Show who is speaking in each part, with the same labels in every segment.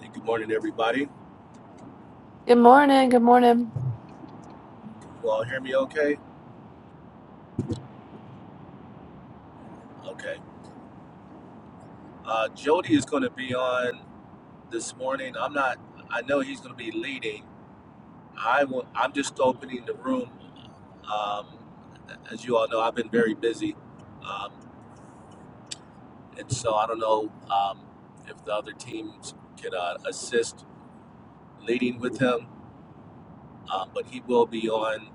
Speaker 1: Hey, good morning, everybody.
Speaker 2: Good morning. Good morning.
Speaker 1: You all hear me okay? Okay. Uh, Jody is going to be on this morning. I'm not, I know he's going to be leading. I will, I'm just opening the room. Um, as you all know, I've been very busy. Um, and so I don't know um, if the other teams can uh, assist leading with him, um, but he will be on.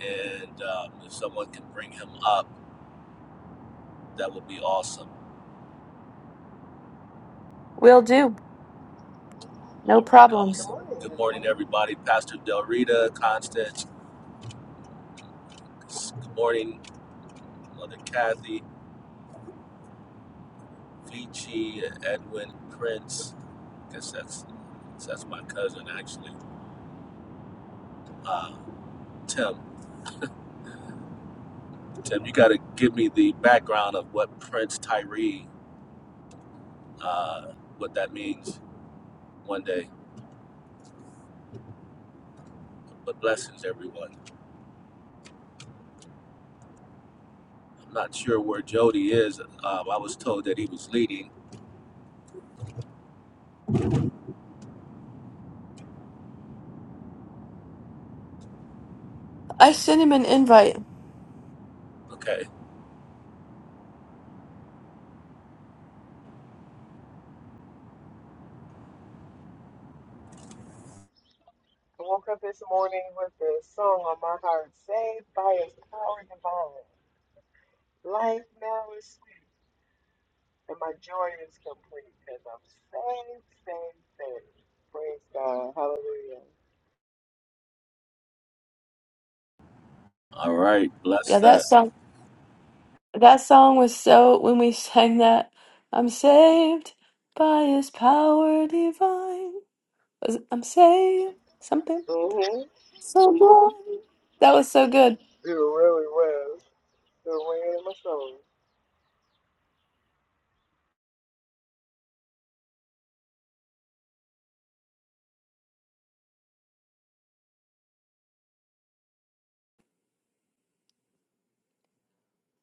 Speaker 1: And um, if someone can bring him up, that would be awesome.
Speaker 2: Will do. No
Speaker 1: All right,
Speaker 2: problem.
Speaker 3: Good
Speaker 1: awesome.
Speaker 3: morning,
Speaker 1: Good morning,
Speaker 3: everyone.
Speaker 1: everybody. Pastor Del Rita, Constance. Good morning, Mother Kathy, Vici, Edwin, Prince. I guess that's that's my cousin, actually. Uh, Tim, Tim, you got to give me the background of what Prince Tyree, uh, what that means one day. But blessings, everyone. I'm not sure where Jody is. Um, I was told that he was leading.
Speaker 2: I sent him an invite.
Speaker 1: Okay.
Speaker 3: I woke up this morning with the song on my heart Saved by His power divine. Life now is sweet, and my joy is complete because I'm saved, saved, saved. Praise God. Hallelujah.
Speaker 1: All right. Bless
Speaker 2: Yeah, that
Speaker 1: that.
Speaker 2: song. That song was so. When we sang that, I'm saved by His power divine. Was it, I'm saved something.
Speaker 3: Mm-hmm.
Speaker 2: So good. That was so good.
Speaker 3: It really was. It ran in my soul.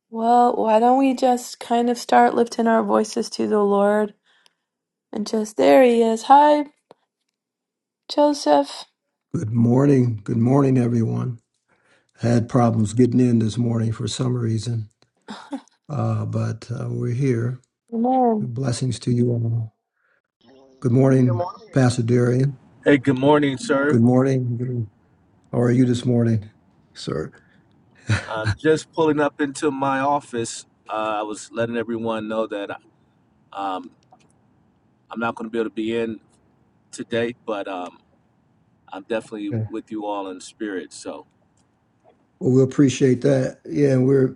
Speaker 2: Well, why don't we just kind of start lifting our voices to the Lord and just there He is. Hi, Joseph.
Speaker 4: Good morning. Good morning, everyone. Had problems getting in this morning for some reason, uh, but uh, we're here.
Speaker 2: Amen.
Speaker 4: Blessings to you all. Good
Speaker 3: Good
Speaker 4: morning,
Speaker 3: morning.
Speaker 4: Pastor Darian.
Speaker 1: Hey, good morning, sir.
Speaker 4: Good morning. How are you this morning, sir?
Speaker 1: I'm just pulling up into my office. Uh, I was letting everyone know that um, I'm not going to be able to be in today, but um, I'm definitely
Speaker 4: Yeah.
Speaker 1: with you all in spirit. So
Speaker 4: Well, we appreciate that. Yeah, and we're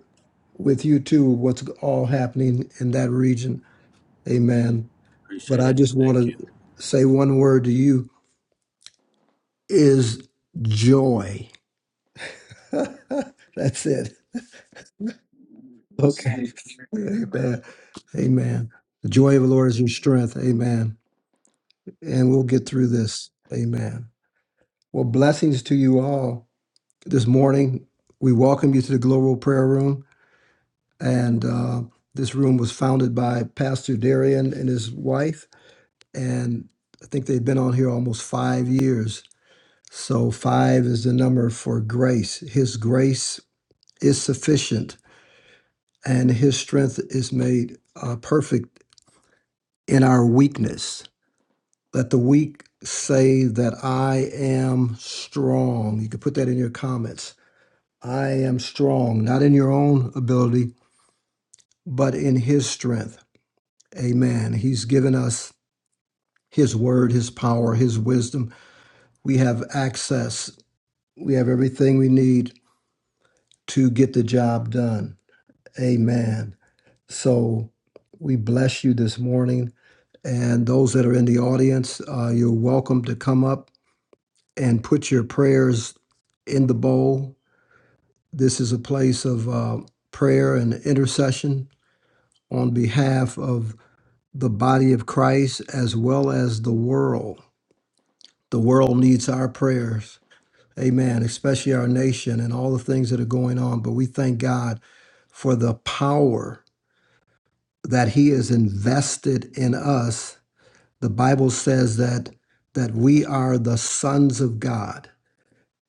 Speaker 4: with you too, what's all happening in that region. Amen. But
Speaker 1: appreciate
Speaker 4: I
Speaker 1: it.
Speaker 4: just want
Speaker 1: Thank you.
Speaker 4: to say one word to you is joy. That's it. Okay. Amen. Amen. The joy of the Lord is your strength. Amen. And we'll get through this. Amen. Well, blessings to you all. This morning, we welcome you to the Global Prayer Room. And uh, this room was founded by Pastor Darian and his wife. And I think they've been on here almost five years. So, five is the number for grace. His grace is sufficient, and his strength is made uh, perfect in our weakness. Let the weak say that I am strong. You can put that in your comments. I am strong, not in your own ability, but in His strength. Amen. He's given us His word, His power, His wisdom. We have access, we have everything we need to get the job done. Amen. So we bless you this morning. And those that are in the audience, uh, you're welcome to come up and put your prayers in the bowl. This is a place of uh, prayer and intercession on behalf of the body of Christ as well as the world. The world needs our prayers. Amen. Especially our nation and all the things that are going on. But we thank God for the power that He has invested in us. The Bible says that that we are the sons of God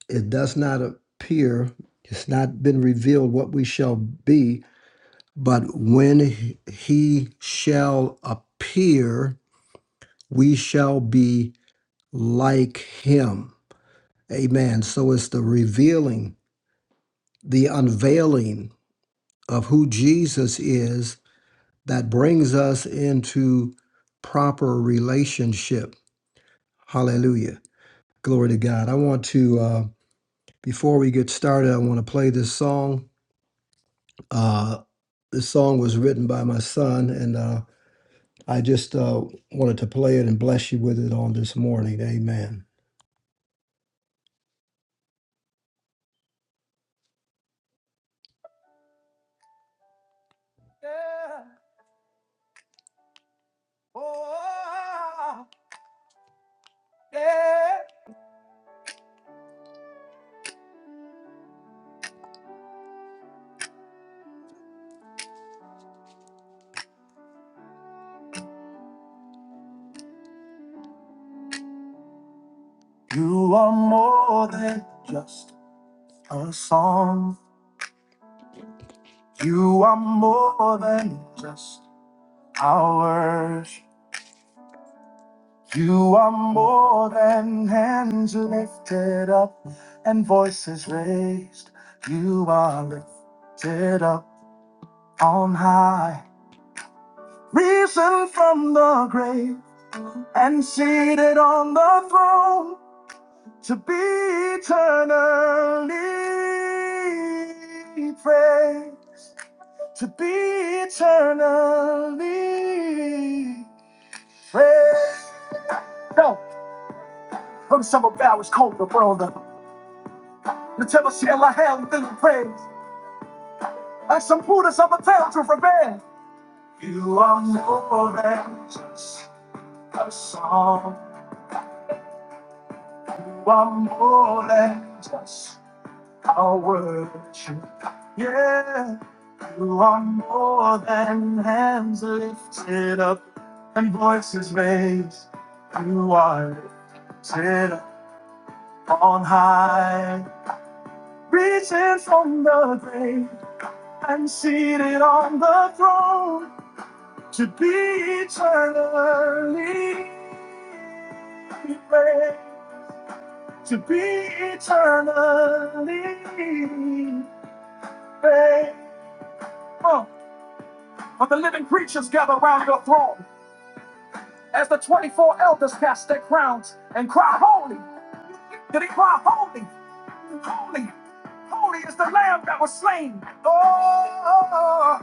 Speaker 4: it does not appear, it's not been revealed what we shall be, but when he he shall appear, we shall be like him. Amen. So it's the revealing, the unveiling of who Jesus is that brings us into proper relationship. Hallelujah. Glory to God. I want to, uh, before we get started, I want to play this song Uh, This song was written by my son, and uh, I just uh, wanted to play it and bless you with it on this morning. Amen. Yeah. Oh, yeah. You are more than just a song. You are more than just our worship. You are more than hands lifted up and voices raised. You are lifted up on high. risen from the grave and seated on the throne to be eternally praised, to be eternally praised. No, from some of ours called the brother. The temple shall I have the praise. And some putas of a town to revenge. You are more than just a song. You are more than just I'll worship. Yeah, you are more than hands lifted up and voices raised. You are lifted up on high, reaching from the grave and seated on the throne to be eternally praised. To be eternally praised. Oh, but the living creatures gather round your throne. As the 24 elders cast their crowns and cry, Holy! Did he cry, Holy! Holy! Holy is the lamb that was slain! Oh!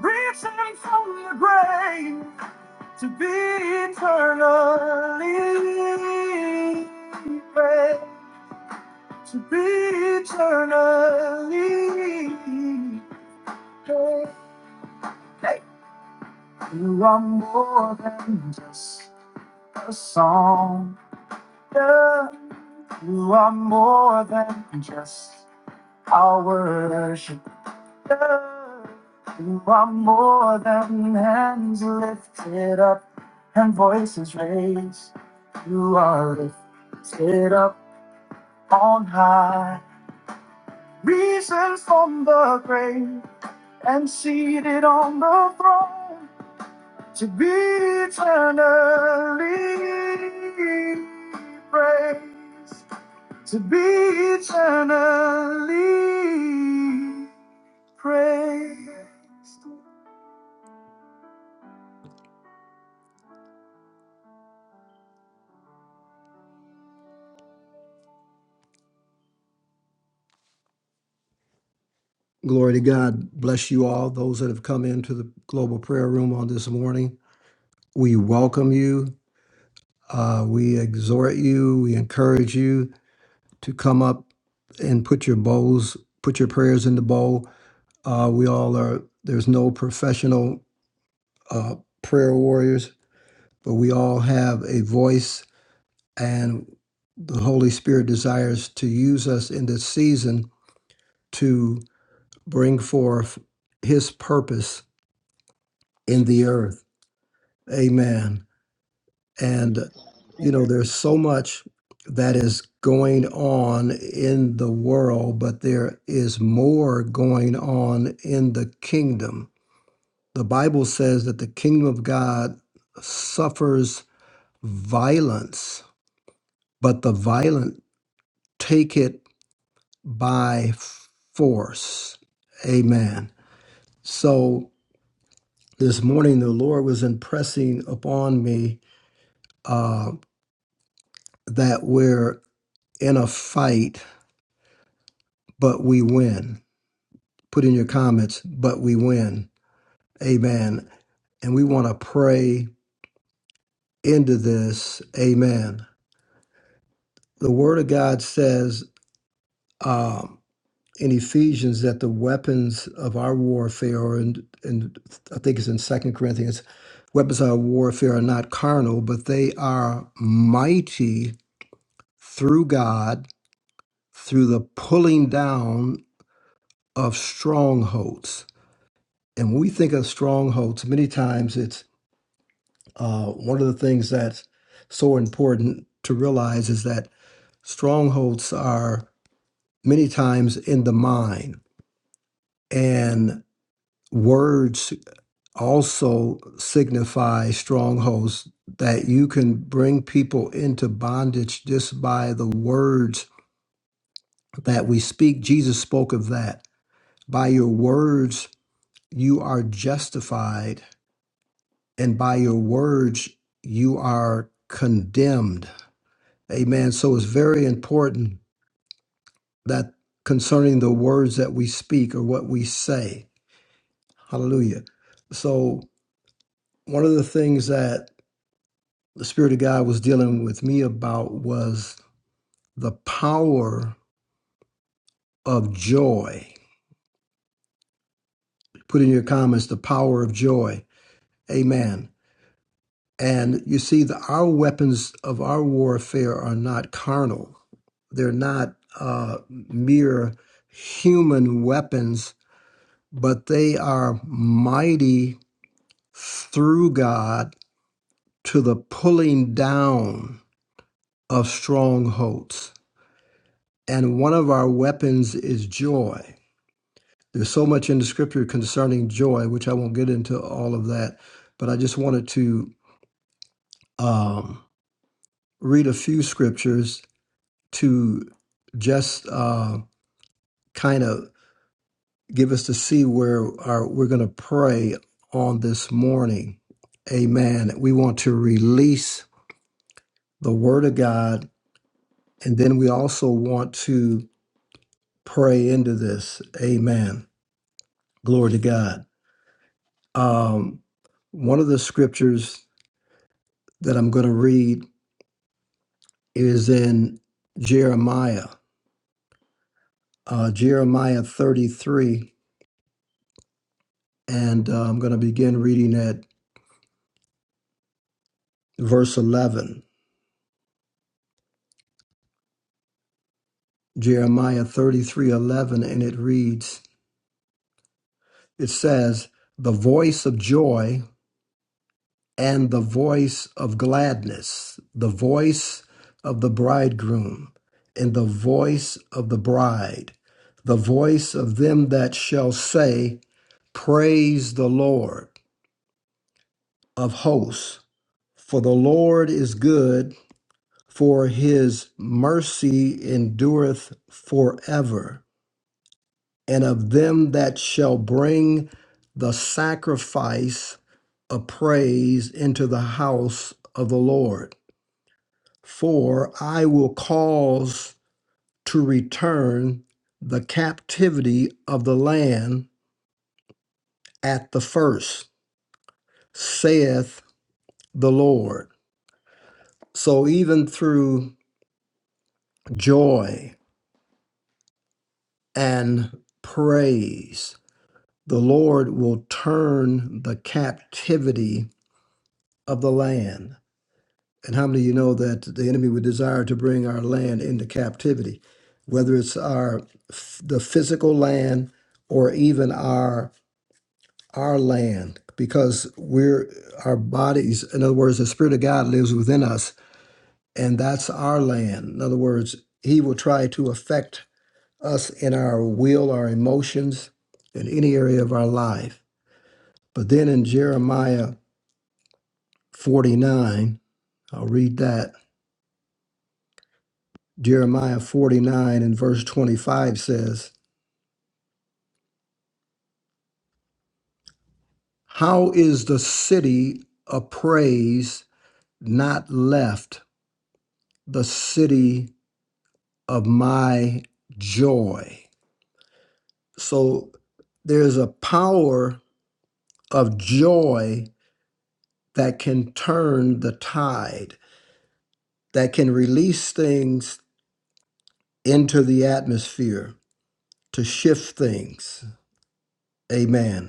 Speaker 4: Reaching from the grave to be eternally praised, to be eternally praised. Hey. You are more than just a song. Yeah. You are more than just our worship. You are more than hands lifted up and voices raised. You are lifted up on high, risen from the grave and seated on the throne to be eternally praised. to be eternally praised. Glory to God. Bless you all, those that have come into the global prayer room on this morning. We welcome you. Uh, we exhort you. We encourage you to come up and put your bowls, put your prayers in the bowl. Uh, we all are, there's no professional uh, prayer warriors, but we all have a voice and the Holy Spirit desires to use us in this season to bring forth His purpose in the earth. Amen. And, you know, there's so
Speaker 3: Amen.
Speaker 4: much that is going on in the world, but there is more going on in the kingdom. The Bible says that the kingdom of God suffers violence, but the violent take it by force. Amen. So this morning, the Lord was impressing upon me uh, that we're in a fight, but we win. Put in your comments, but we win. Amen. And we want to pray into this. Amen. The Word of God says, um, in Ephesians that the weapons of our warfare, and and I think it's in Second Corinthians, weapons of our warfare are not carnal, but they are mighty through God through the pulling down of strongholds. And when we think of strongholds, many times it's uh, one of the things that's so important to realize is that strongholds are many times in the mind and words also signify strongholds that you can bring people into bondage just by the words that we speak. Jesus spoke of that. By your words, you are justified, and by your words, you are condemned. Amen. So it's very important that concerning the words that we speak or what we say. Hallelujah. So, one of the things that the Spirit of God was dealing with me about was the power of joy. Put in your comments the power of joy. Amen. And you see, the, our weapons of our warfare are not carnal, they're not uh, mere human weapons, but they are mighty through God to the pulling down of strongholds. And one of our weapons is joy There's so much in the scripture concerning joy, which I won't get into all of that, but I just wanted to um, read a few scriptures to just uh, kind of give us to see where our, we're going to pray on this morning. Amen. We want to release the word of God, and then we also want to pray into this. Amen. Glory to God. Um, one of the scriptures that I'm going to read is in Jeremiah, uh, Jeremiah 33, and uh, I'm going to begin reading at verse 11. Jeremiah 33, 11, and it reads, It says, The voice of joy and the voice of gladness, the voice of the bridegroom and the voice of the bride, the voice of them that shall say, Praise the Lord of hosts For the Lord is good, for his mercy endureth forever. And of them that shall bring the sacrifice of praise into the house of the Lord. For I will cause to return the captivity of the land at the first, saith the Lord. So even through joy and praise. the Lord will turn the captivity of the land. And how many of you know that the enemy would desire to bring our land into captivity, whether it's our the physical land or even our our land, because we're our bodies. In other words, the Spirit of God lives within us, and that's our land. In other words, He will try to affect us in our will, our emotions, in any area of our life. But then in Jeremiah 49. I'll read that. Jeremiah 49 and verse 25 says, How is the city of praise not left, the city of my joy? So there's a power of joy that can turn the tide, that can release things into the atmosphere to shift things. Amen.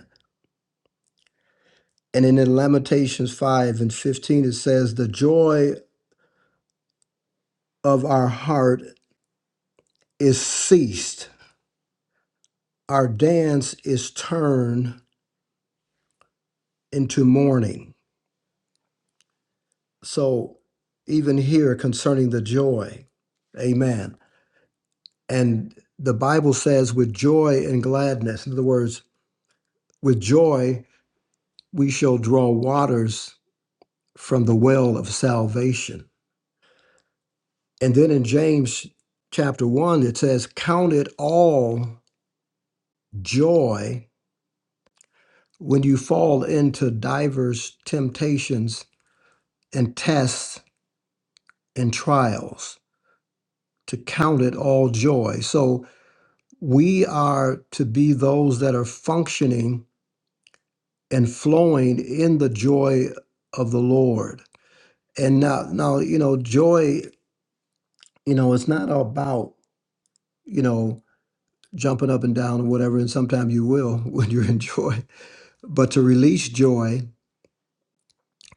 Speaker 4: And then in Lamentations 5 and 15, it says, The joy of our heart is ceased, our dance is turned into mourning. So, even here concerning the joy, amen. And the Bible says, With joy and gladness, in other words, with joy, we shall draw waters from the well of salvation. And then in James chapter 1, it says, Count it all joy when you fall into divers temptations and tests and trials to count it all joy. So we are to be those that are functioning and flowing in the joy of the Lord. And now now you know joy, you know, it's not about, you know, jumping up and down or whatever and sometimes you will when you're in joy, but to release joy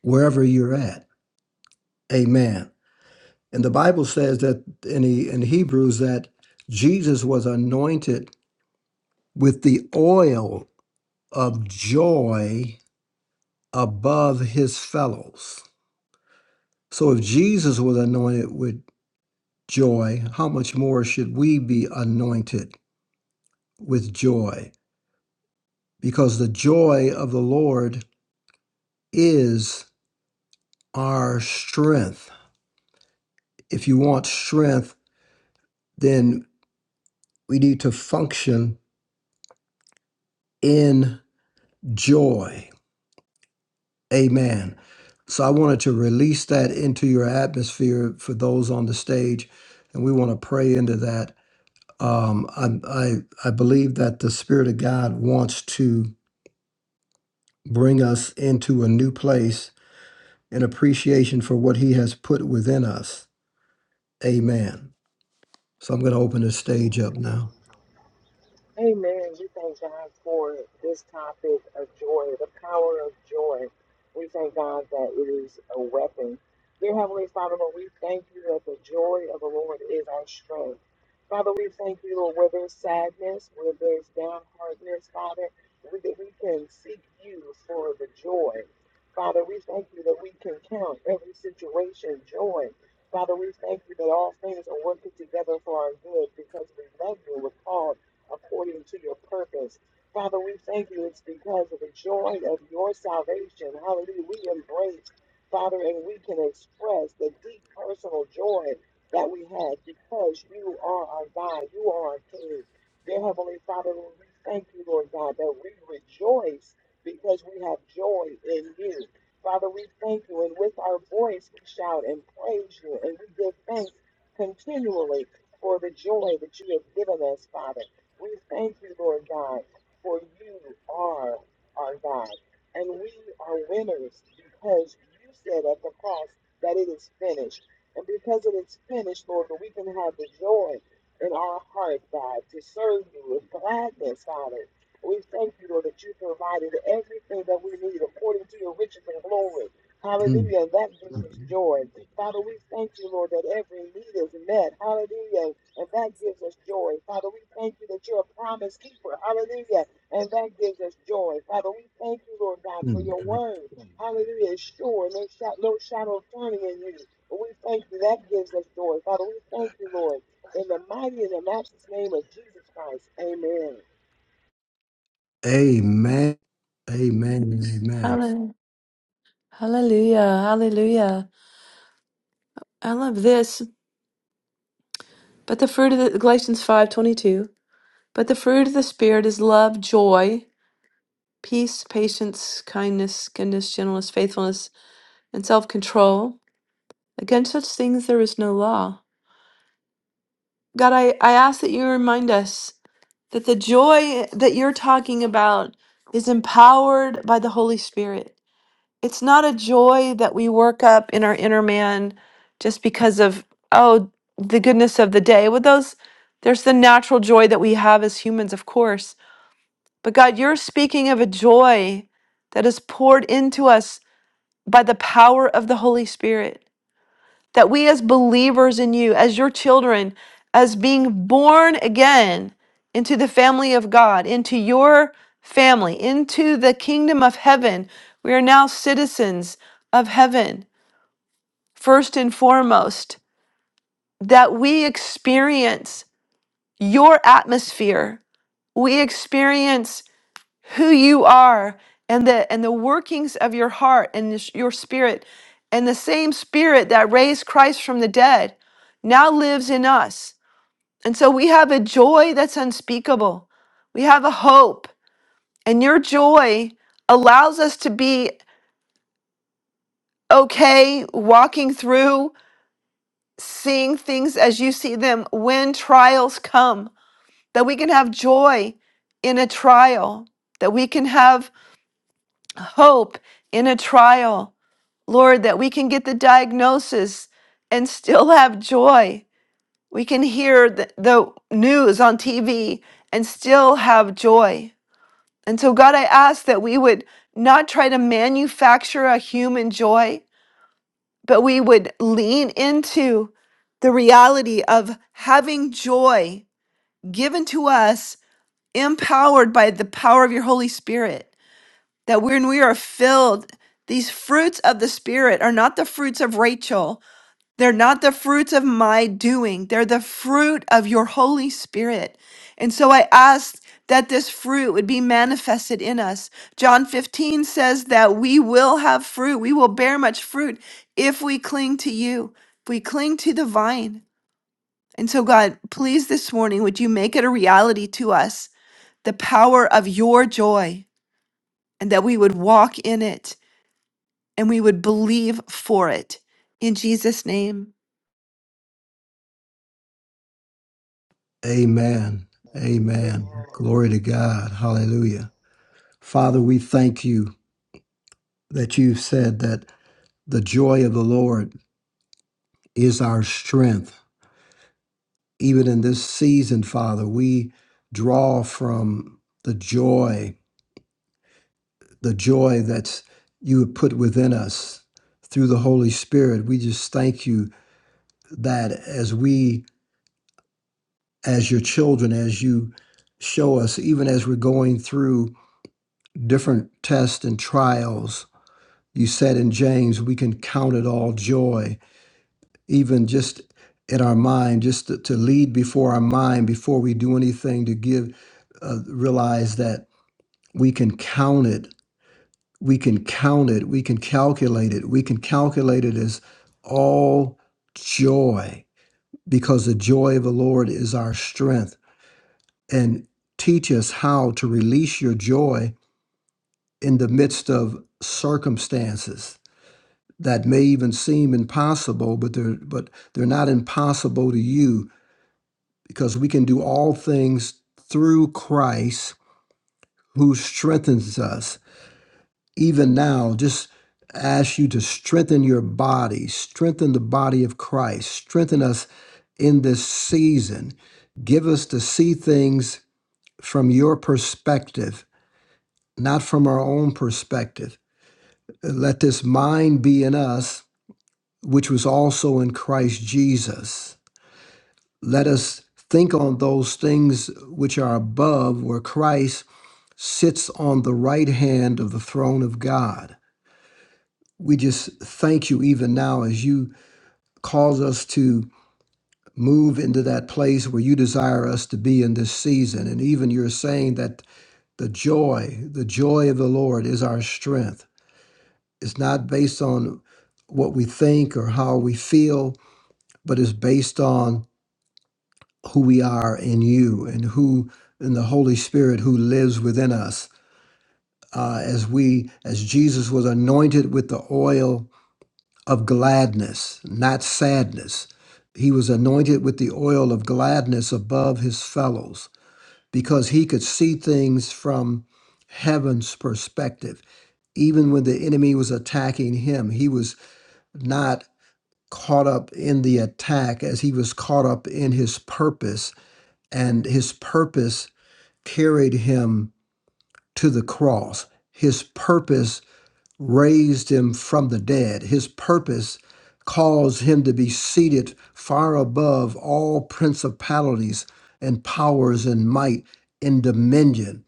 Speaker 4: wherever you're at. Amen. And the Bible says that in, the, in Hebrews that Jesus was anointed with the oil of joy above his fellows. So if Jesus was anointed with joy, how much more should we be anointed with joy? Because the joy of the Lord is our strength. If you want strength, then we need to function in joy Amen. So I wanted to release that into your atmosphere for those on the stage, and we want to pray into that. Um, I, I I believe that the Spirit of God wants to bring us into a new place in appreciation for what He has put within us. Amen. So I'm going to open the stage up now.
Speaker 3: Amen. We thank God for this topic of joy, the power of joy. We thank God that it is a weapon. Dear Heavenly Father, Lord, we thank you that the joy of the Lord is our strength. Father, we thank you, Lord, where there's sadness, where there's downheartedness, Father, we- that we can seek you for the joy. Father, we thank you that we can count every situation joy. Father, we thank you that all things are working together for our good because we love you with Paul according to your purpose. Father, we thank you. It's because of the joy of your salvation. Hallelujah. We embrace, Father, and we can express the deep personal joy that we have because you are our God. You are our King. Dear Heavenly Father, Lord, we thank you, Lord God, that we rejoice because we have joy in you. Father, we thank you, and with our voice we shout and praise you, and we give thanks continually for the joy that you have given us, Father. We thank you, Lord God, for you are our God. And we are winners because you said at the cross that it is finished. And because it is finished, Lord, that we can have the joy in our heart, God, to serve you with gladness, Father. We thank you, Lord, that you provided everything that we need according to your riches and glory.
Speaker 4: Mm,
Speaker 3: Hallelujah. And that gives
Speaker 4: mm,
Speaker 3: us joy. Father, we thank you, Lord, that every need is met. Hallelujah and that gives us joy. Father, we thank you that you're a promise keeper. Hallelujah. And that gives us joy. Father, we thank you, Lord God, for
Speaker 4: mm.
Speaker 3: your
Speaker 4: mm.
Speaker 3: word. Hallelujah. It's sure. No, shot, no shadow of turning in you. But we thank you. That gives us joy. Father, we thank you, Lord. In the mighty and the matchless name of Jesus Christ. Amen.
Speaker 4: Amen. Amen. Amen.
Speaker 2: Hallelujah. Hallelujah. Hallelujah. I love this. But the fruit of the Galatians 5:22. But the fruit of the spirit is love, joy, peace, patience, kindness, goodness, gentleness, faithfulness, and self-control. Against such things there is no law. God, I, I ask that you remind us that the joy that you're talking about is empowered by the Holy Spirit it's not a joy that we work up in our inner man just because of oh the goodness of the day with those there's the natural joy that we have as humans of course but god you're speaking of a joy that is poured into us by the power of the holy spirit that we as believers in you, as your children, as being born again into the family of God, into your family, into the kingdom of heaven, we are now citizens of heaven, first and foremost, that we experience your atmosphere. We experience who you are and the and the workings of your heart and this- your spirit and the same spirit that raised Christ from the dead now lives in us. And so we have a joy that's unspeakable. We have a hope and your joy allows us to be okay walking through seeing things as you see them when trials come that we can have joy in a trial that we can have hope in a trial Lord, that we can get the diagnosis and still have joy. We can hear the, the news on TV and still have joy. And so, God, I ask that we would not try to manufacture a human joy, but we would lean into the reality of having joy given to us, empowered by the power of your Holy Spirit. That when we are filled, these fruits of the Spirit are not the fruits of Rachel, They're not the fruits of my doing. They're the fruit of your Holy Spirit. And so I asked that this fruit would be manifested in us. John 15 says that we will have fruit. We will bear much fruit if we cling to you, if we cling to the vine. And so, God, please this morning, would you make it a reality to us the power of your joy and that we would walk in it and we would believe for it. In Jesus' name.
Speaker 4: Amen. Amen.
Speaker 3: Amen.
Speaker 4: Glory to God. Hallelujah. Father, we thank you that you said that the joy of the Lord is our strength. Even in this season, Father, we draw from the joy, the joy that you have put within us through the Holy Spirit. We just thank you that as we, as your children, as you show us, even as we're going through different tests and trials, You said in James, we can count it all joy, even just in our mind, just to, to lead before our mind, before we do anything, to give, uh, realize that we can count it, we can count it, we can calculate it, we can calculate it as all joy, because the joy of the Lord is our strength. And teach us how to release your joy in the midst of circumstances that may even seem impossible, but they're but they're not impossible to you because we can do all things through Christ who strengthens us. Even now, just ask you to strengthen your body, strengthen the body of Christ, strengthen us in this season. Give us to see things from your perspective, not from our own perspective. Let this mind be in us, which was also in Christ Jesus Let us think on those things which are above, where Christ sits on the right hand of the throne of God. We just thank you even now as you cause us to move into that place where you desire us to be in this season. And even you're saying that the joy, the joy of the Lord is our strength. It's not based on what we think or how we feel, but is based on who we are in you and who in the Holy Spirit who lives within us. Uh, as we, as Jesus was anointed with the oil of gladness, not sadness. He was anointed with the oil of gladness above his fellows because he could see things from heaven's perspective. Even when the enemy was attacking him, he was not caught up in the attack as he was caught up in his purpose. And his purpose carried him to the cross. His purpose raised him from the dead. His purpose caused him to be seated far above all principalities and powers and might and dominion.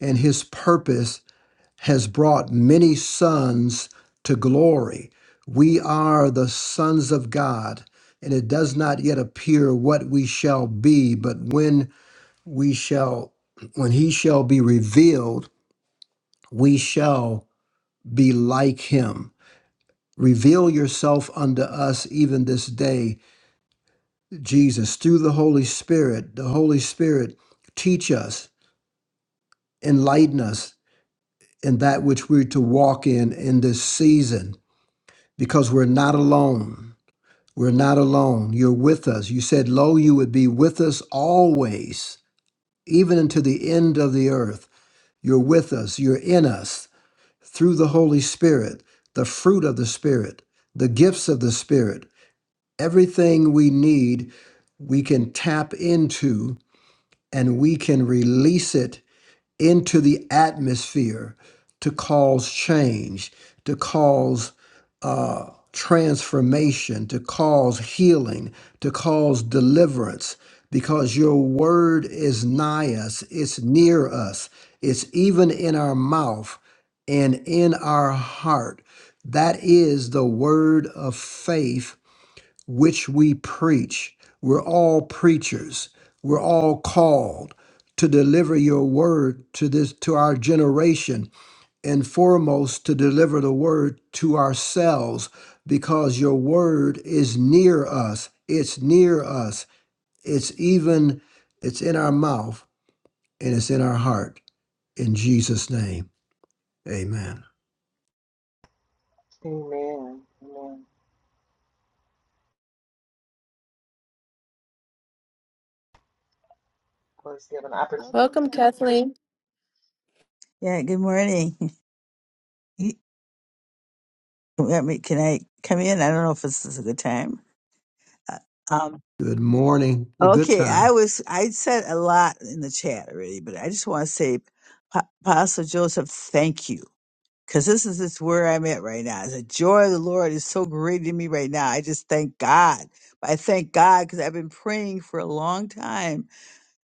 Speaker 4: And his purpose has brought many sons to glory. We are the sons of God, and it does not yet appear what we shall be, but when we shall when he shall be revealed we shall be like him reveal yourself unto us even this day jesus through the holy spirit the holy spirit teach us enlighten us in that which we're to walk in in this season because we're not alone we're not alone you're with us you said lo you would be with us always even unto the end of the earth you're with us you're in us through the Holy Spirit, the fruit of the Spirit, the gifts of the Spirit, everything we need, we can tap into and we can release it into the atmosphere to cause change, to cause uh, transformation, to cause healing, to cause deliverance, because your word is nigh us, it's near us, it's even in our mouth and in our heart. That is the word of faith which we preach. We're all preachers. We're all called to deliver your word to this to our generation and foremost to deliver the word to ourselves because your word is near us. It's near us. It's even it's in our mouth and it's in our heart. In Jesus name. Amen.
Speaker 3: Amen.
Speaker 2: Welcome, Kathleen.
Speaker 5: Yeah, good morning. You- Let me, can I come in? I don't know if this is a good time. Uh, Um,
Speaker 4: Good morning. A good
Speaker 5: okay, I
Speaker 4: time.
Speaker 5: was, I said a lot in the chat already, but I just want to say, Pa- Apostle Joseph, thank you. Because this is just where I'm at right now. The joy of the Lord is so great in me right now. I just thank God. I thank God because I've been praying for a long time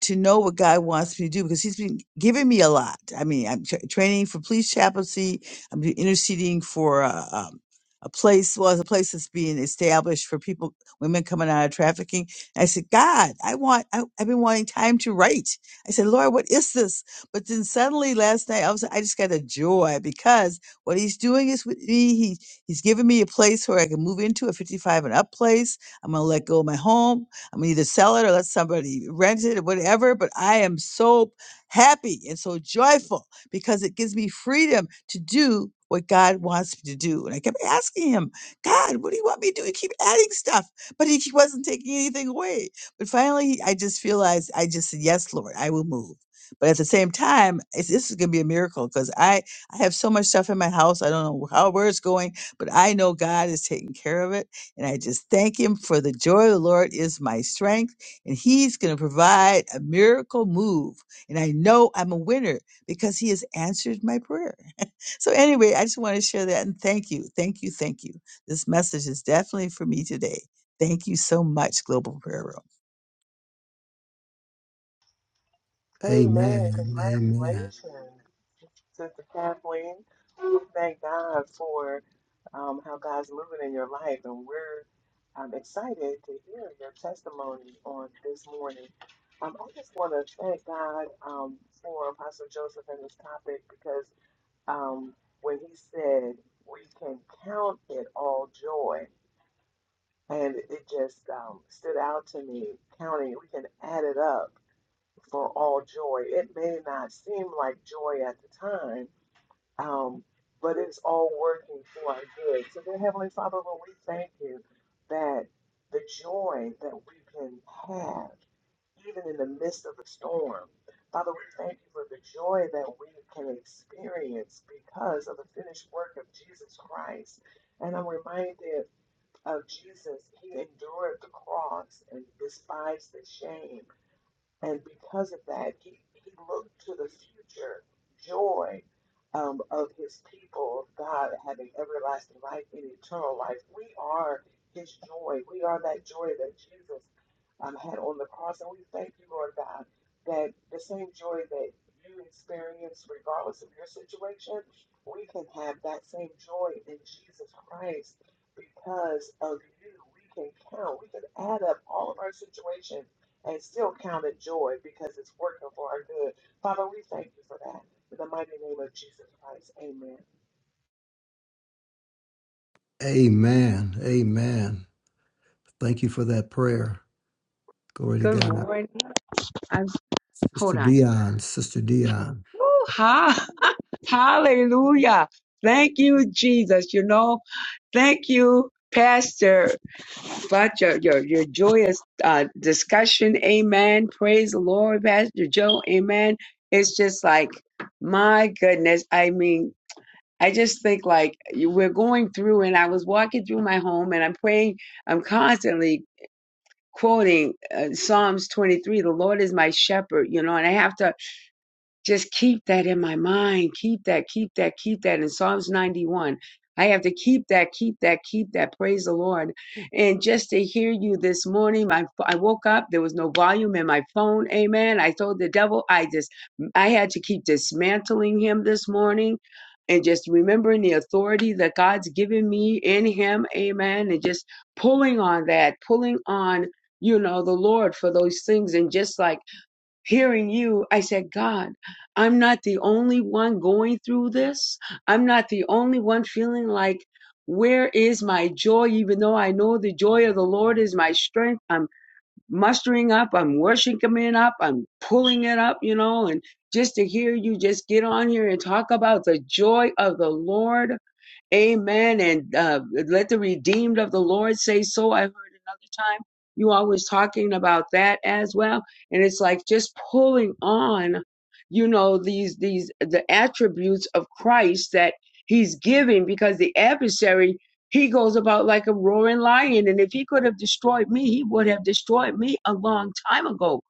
Speaker 5: to know what God wants me to do because He's been giving me a lot. I mean, I'm tra- training for police chaplaincy. I'm be- interceding for a, um, a place, well, it's a place that's being established for people, women coming out of trafficking. And I said, God, I want, I, I've been wanting time to write. I said, Lord, what is this? But then suddenly last night, I was, I just got a joy because what He's doing is with me. He, he's giving me a place where I can move into a 55 and up place. I'm going to let go of my home. I'm gonna either sell it or let somebody rent it or whatever. But I am so happy and so joyful because it gives me freedom to do what God wants me to do. And I kept asking him, God, what do you want me to do? You keep adding stuff, but he, he wasn't taking anything away. But finally, he- I just realized I just said, Yes, Lord, I will move. But at the same time, it's, this is going to be a miracle because I, I have so much stuff in my house. I don't know how, where it's going, but I know God is taking care of it and I just thank him for the joy of the Lord is my strength. And he's going to provide a miracle move. And I know I'm a winner because he has answered my prayer. so, anyway, I just want to share that and thank you. Thank you. Thank you. This message is definitely for me today. Thank you so much, Global Prayer Room.
Speaker 3: Amen.
Speaker 4: Amen. Amen.
Speaker 3: Congratulations, Sister Kathleen. We thank God for um, how God's moving in your life, and we're I'm excited to hear your testimony on this morning. Um, I just want to thank God um, for Apostle Joseph and this topic because um, when he said we can count it all joy, and it just um, stood out to me counting, we can add it up for all joy. It may not seem like joy at the time, um, but it's all working for our good. So, dear Heavenly Father, Lord, we thank you that the joy that we can have, even in the midst of the storm, Father, we thank you for the joy that we can experience because of the finished work of Jesus Christ. And I'm reminded of Jesus, he endured the cross and despised the shame. And because of that, he, he looked to the future joy um, of his people, of God having everlasting life and eternal life. We are his joy. We are that joy that Jesus um, had on the cross. And we thank you, Lord God, that the same joy that you experience, regardless of your situation, we can have that same joy in Jesus Christ because of you. We can count, we can add up all of our situations and still count it joy because it's working for our good. Father, we thank you for that. In the mighty name of Jesus Christ, amen.
Speaker 4: Amen. Amen. Thank you for that prayer. Glory to
Speaker 6: Good
Speaker 4: God.
Speaker 6: morning. I'm hold
Speaker 4: Sister
Speaker 6: on.
Speaker 4: Dion, Sister Dion.
Speaker 6: Woo, ha, hallelujah. Thank you, Jesus. You know, thank you, Pastor, for your, your, your joyous uh, discussion. Amen. Praise the Lord, Pastor Joe. Amen. It's just like, my goodness. I mean, I just think like you- we're going through, and I was walking through my home and I'm praying, I'm constantly quoting uh, Psalms 23 the Lord is my shepherd, you know, and I have to Just keep that in my mind. Keep that, keep that, keep that. In Psalms 91, I have to keep that, keep that, keep that. Praise the Lord. And just to hear you this morning, my, I woke up, there was no volume in my phone. Amen. I told the devil, I just, I had to keep dismantling him this morning and just remembering the authority that God's given me in him. Amen. And just pulling on that, pulling on, you know, the Lord for those things. And just like, hearing you, I said, God, I'm not the only one going through this. I'm not the only one feeling like, where is my joy? Even though I know the joy of the Lord is my strength, I'm mustering up, I'm worshiping it up, I'm pulling it up, you know, and just to hear you just get on here and talk about the joy of the Lord. Amen. And uh, let the redeemed of the Lord say so. I heard the time. You always talking about that as well. And it's like just pulling on, you know, these, these, the attributes of Christ that he's giving because the adversary, he goes about like a roaring lion. And if he could have destroyed me, he would have destroyed me a long time ago.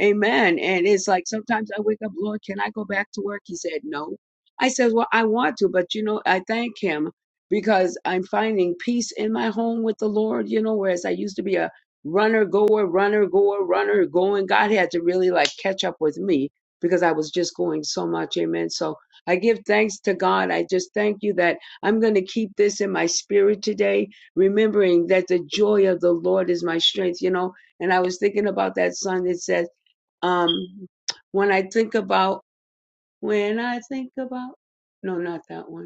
Speaker 6: Amen. And it's like sometimes I wake up, Lord, can I go back to work? He said, no. I said, well, I want to, but you know, I thank him because I'm finding peace in my home with the Lord, you know, whereas I used to be a runner goer, runner goer, runner going. God had to really like catch up with me because I was just going so much. Amen. So I give thanks to God. I just thank you that I'm going to keep this in my spirit today, remembering that the joy of the Lord is my strength, you know. And I was thinking about that song that says, um, when I think about, when I think about, no, not that one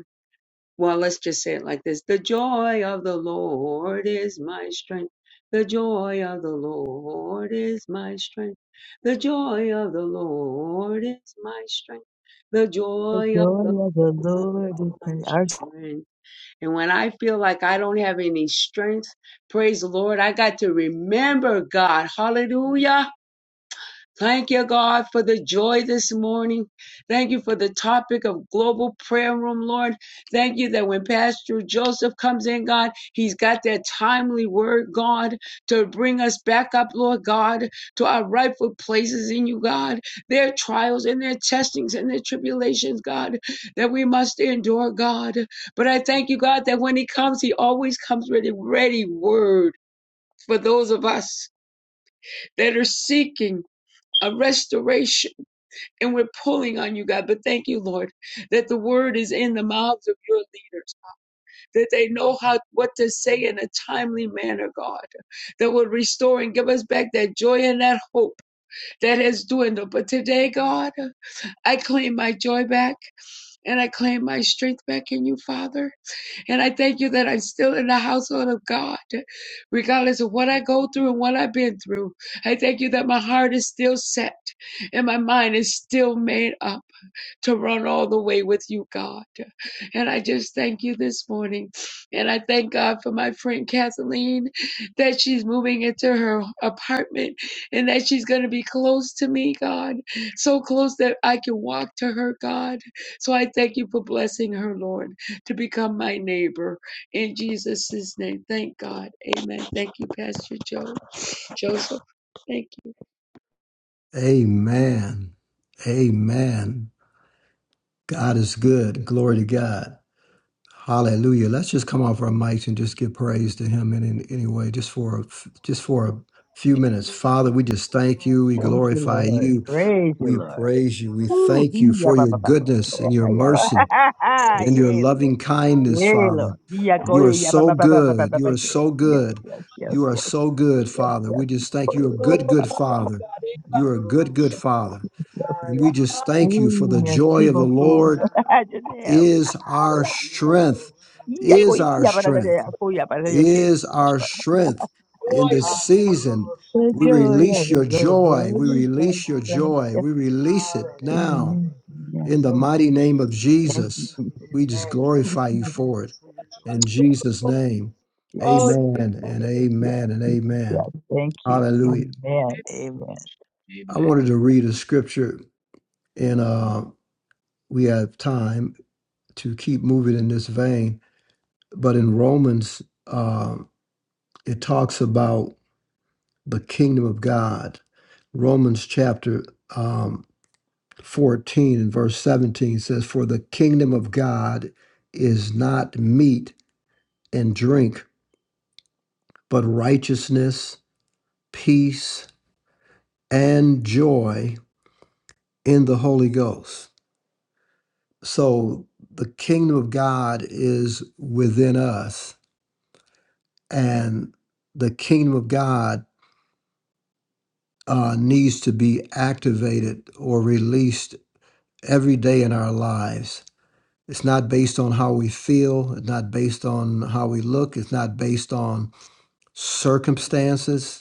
Speaker 6: well, let's just say it like this. The joy of the Lord is my strength. The joy of the Lord is my strength. The joy of the Lord is my strength. The
Speaker 5: The
Speaker 6: joy of
Speaker 5: joy
Speaker 6: the
Speaker 5: of the
Speaker 6: Lord is
Speaker 5: Lord is
Speaker 6: my
Speaker 5: praise. Our,
Speaker 6: strength. And when I feel like I don't have any strength, praise the Lord, I got to remember God. Hallelujah. Thank you, God, for the joy this morning. Thank you for the topic of global prayer room, Lord. Thank you that when Pastor Joseph comes in, God, he's got that timely word, God, to bring us back up, Lord God, to our rightful places in you, God. Their trials and their testings and their tribulations, God, that we must endure, God. But I thank you, God, that when he comes, he always comes with a ready word for those of us that are seeking a restoration and we're pulling on you, God. But thank you, Lord, that the word is in the mouths of your leaders, that they know how what to say in a timely manner, God, that will restore and give us back that joy and that hope that has dwindled. But today, God, I claim my joy back and I claim my strength back in you, Father. And I thank you that I'm still in the household of God, regardless of what I go through and what I've been through. I thank you that my heart is still set and my mind is still made up to run all the way with you, God. And I just thank you this morning. And I thank God for my friend Kathleen that she's moving into her apartment and that she's going to be close to me, God. So close that I can walk to her, God. So I thank you for blessing her, Lord, to become my neighbor. In Jesus' name, thank God. Amen. Thank you, Pastor Joe. Joseph, thank you.
Speaker 4: Amen. Amen. God is good. Glory to God. Hallelujah. Let's just come off our mics and just give praise to him in, in any way, just for a, f- just for a few minutes. Father, we just thank you. We
Speaker 5: thank you,
Speaker 4: glorify
Speaker 5: Lord.
Speaker 4: you.
Speaker 5: Praise
Speaker 4: We
Speaker 5: you, Lord.
Speaker 4: praise you. We
Speaker 5: Woo.
Speaker 4: thank you
Speaker 5: Hee, ya,
Speaker 4: for
Speaker 5: ba,
Speaker 4: your
Speaker 5: ba, ba, ba, ki,
Speaker 4: goodness
Speaker 5: ya,
Speaker 4: and your
Speaker 5: ka, ya, ba.
Speaker 4: mercy.
Speaker 5: Ha, ha, ha.
Speaker 4: and your
Speaker 5: Yeah, Lord.
Speaker 4: loving kindness,
Speaker 5: Yeah,
Speaker 4: Father.
Speaker 5: Lord. Hee, ya, ko,
Speaker 4: You are
Speaker 5: ye, ya, ba, ba,
Speaker 4: so
Speaker 5: ba, ba, ba, ba,
Speaker 4: good.
Speaker 5: ba,
Speaker 4: You
Speaker 5: ba,
Speaker 4: are
Speaker 5: ki, ya.
Speaker 4: so
Speaker 5: Yes,
Speaker 4: good.
Speaker 5: yes, yes,
Speaker 4: You are
Speaker 5: yes,
Speaker 4: so good,
Speaker 5: yes,
Speaker 4: Father.
Speaker 5: yes.
Speaker 4: We just thank
Speaker 5: Ko,
Speaker 4: you. You're a
Speaker 5: ye, ye,
Speaker 4: good,
Speaker 6: Oh,
Speaker 5: ba, ba,
Speaker 4: good
Speaker 6: my
Speaker 4: Father. You are a good, good Father.
Speaker 5: Yes.
Speaker 4: And we just thank you for
Speaker 5: Ooh,
Speaker 4: the joy
Speaker 5: merci
Speaker 4: of the
Speaker 5: beaucoup.
Speaker 4: Lord
Speaker 5: Je t'aime.
Speaker 4: is
Speaker 5: I
Speaker 4: our
Speaker 5: love you, Lord.
Speaker 4: strength,
Speaker 5: Hee, ya, ko,
Speaker 4: is
Speaker 5: ye,
Speaker 4: our
Speaker 5: ya, ba, da, da,
Speaker 4: strength,
Speaker 5: da, ya, ko, ya, ba, da, da, ki,
Speaker 4: is
Speaker 5: ya, ba,
Speaker 4: our
Speaker 5: ba.
Speaker 4: strength in this season.
Speaker 5: The
Speaker 4: We
Speaker 5: joy of
Speaker 4: release
Speaker 5: the
Speaker 4: your joy.
Speaker 5: Lord
Speaker 4: We
Speaker 5: is
Speaker 4: release your
Speaker 5: praise.
Speaker 4: joy.
Speaker 5: Yes.
Speaker 4: We release it now.
Speaker 5: Amen.
Speaker 4: In
Speaker 5: Amen.
Speaker 4: the mighty name of
Speaker 5: Thank you,
Speaker 4: Jesus,
Speaker 5: Jesus.
Speaker 4: we just glorify you for it. In Jesus' name,
Speaker 6: God.
Speaker 5: Yes.
Speaker 4: amen
Speaker 6: Oh,
Speaker 4: and
Speaker 5: Yes.
Speaker 4: amen and
Speaker 5: Yes. Yes.
Speaker 4: amen.
Speaker 5: Thank you.
Speaker 4: Hallelujah.
Speaker 5: Amen. Amen.
Speaker 6: Amen.
Speaker 4: I wanted to read a scripture, and uh, we have time to keep moving in this vein. But in Romans, uh, it talks about the kingdom of God. Romans chapter um, 14 and verse 17 says, For the kingdom of God is not meat and drink, but righteousness, peace, and joy in the Holy Ghost. So the kingdom of God is within us, and the kingdom of God uh, needs to be activated or released every day in our lives. It's not based on how we feel, it's not based on how we look, it's not based on circumstances.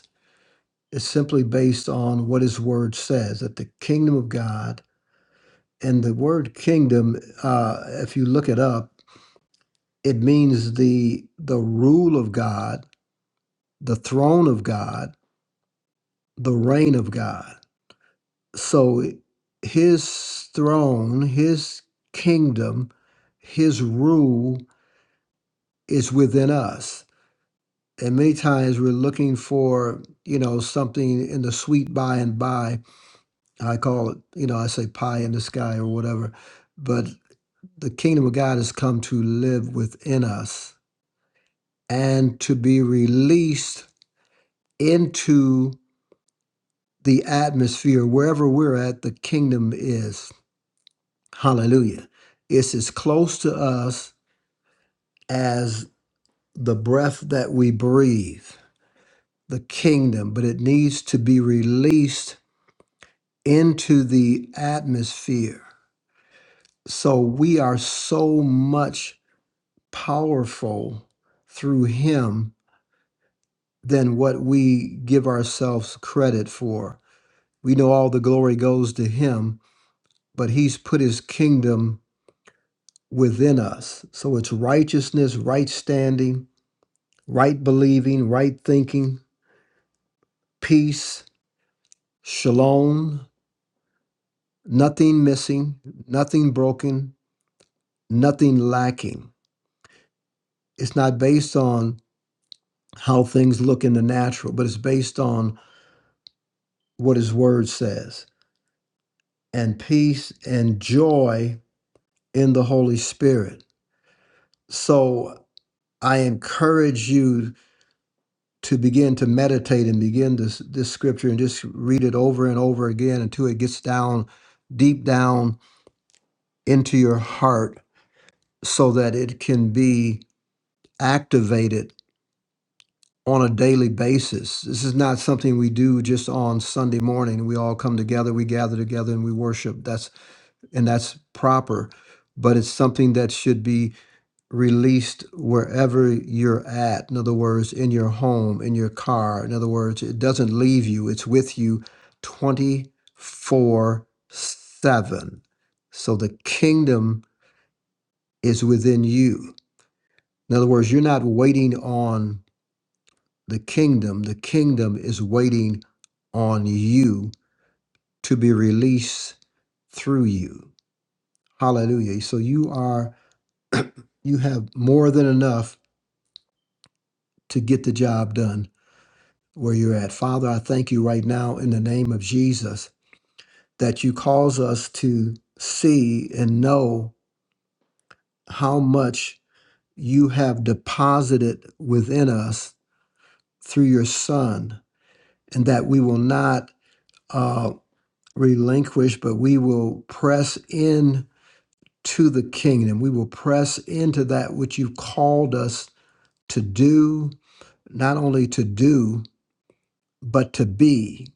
Speaker 4: is simply based on what his word says that the kingdom of God and the word kingdom, uh, if you look it up, it means the the rule of God, the throne of God, the reign of God. So his throne, his kingdom, his rule is within us. And many times we're looking for, you know, something in the sweet by and by I call it, you know, I say pie in the sky or whatever, but the kingdom of God has come to live within us and to be released into the atmosphere wherever we're at, the kingdom is. Hallelujah. It's as close to us as the breath that we breathe, the kingdom, but it needs to be released into the atmosphere. So we are so much powerful through him than what we give ourselves credit for. We know all the glory goes to him, but he's put his kingdom within us. So it's righteousness, right standing, right believing, right thinking, peace, shalom, nothing missing, nothing broken, nothing lacking. It's not based on how things look in the natural, but it's based on what his word says. and peace and joy in the Holy Spirit. So I encourage you to begin to meditate and begin this, this scripture and just read it over and over again until it gets down deep down into your heart so that it can be activated on a daily basis. This is not something we do just on Sunday morning. We all come together, we gather together and we worship. That's and that's proper, but it's something that should be released wherever you're at. In other words, in your home, in your car. In other words, it doesn't leave you, it's with you 24 7. So the kingdom is within you. In other words, you're not waiting on the kingdom, the kingdom is waiting on you to be released through you. Hallelujah. So you are, you have more than enough to get the job done where you're at. Father, I thank you right now in the name of Jesus that you cause us to see and know how much you have deposited within us through your Son, and that we will not uh, relinquish, but we will press in to the kingdom. We will press into that which you've called us to do, not only to do, but to be.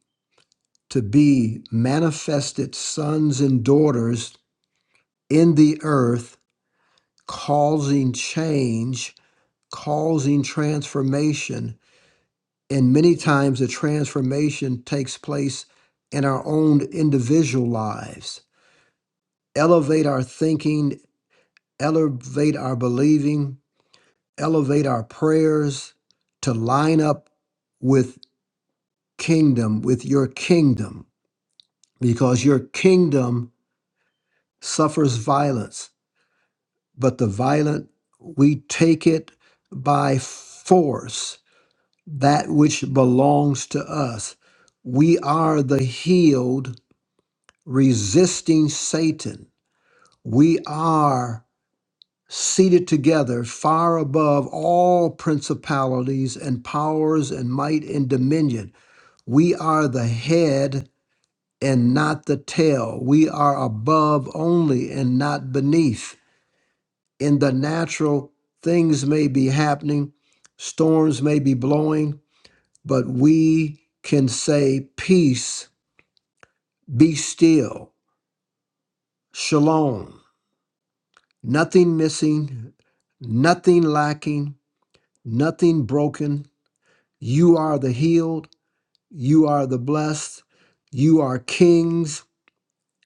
Speaker 4: to be manifested sons and daughters in the earth, causing change, causing transformation. And many times the transformation takes place in our own individual lives. Elevate our thinking, elevate our believing, elevate our prayers to line up with kingdom, with your kingdom, because your kingdom suffers violence but the violent, we take it by force, that which belongs to us. We are the healed resisting Satan. We are seated together far above all principalities and powers and might and dominion. We are the head and not the tail. We are above only and not beneath. in the natural, things may be happening, storms may be blowing, but we can say, Peace, be still, shalom. Nothing missing, nothing lacking, nothing broken. You are the healed, you are the blessed, you are kings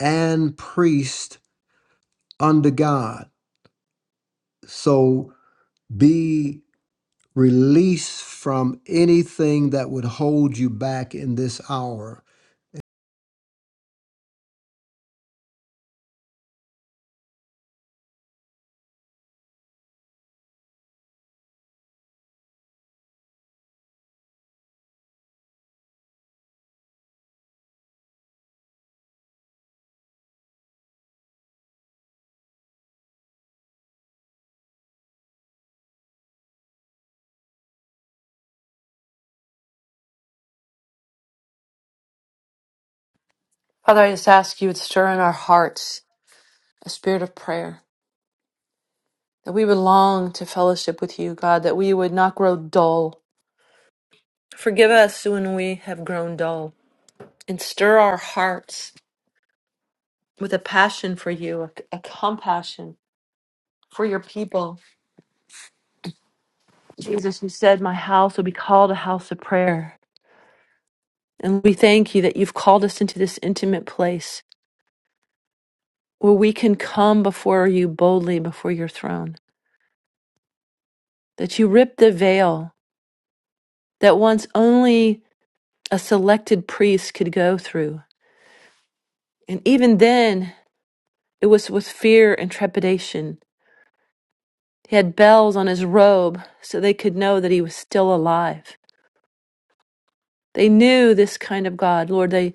Speaker 4: and priests under God. So be release from anything that would hold you back in this hour.
Speaker 2: Father, I just ask you would stir in our hearts a spirit of prayer, that we would long to fellowship with you, God, that we would not grow dull. Forgive us when we have grown dull, and stir our hearts with a passion for you, a, a compassion for your people. Jesus, you said, My house will be called a house of prayer. And we thank you that you've called us into this intimate place where we can come before you boldly before your throne, that you rip the veil that once only a selected priest could go through. And even then, it was with fear and trepidation. He had bells on his robe so they could know that he was still alive. They knew this kind of God, Lord. They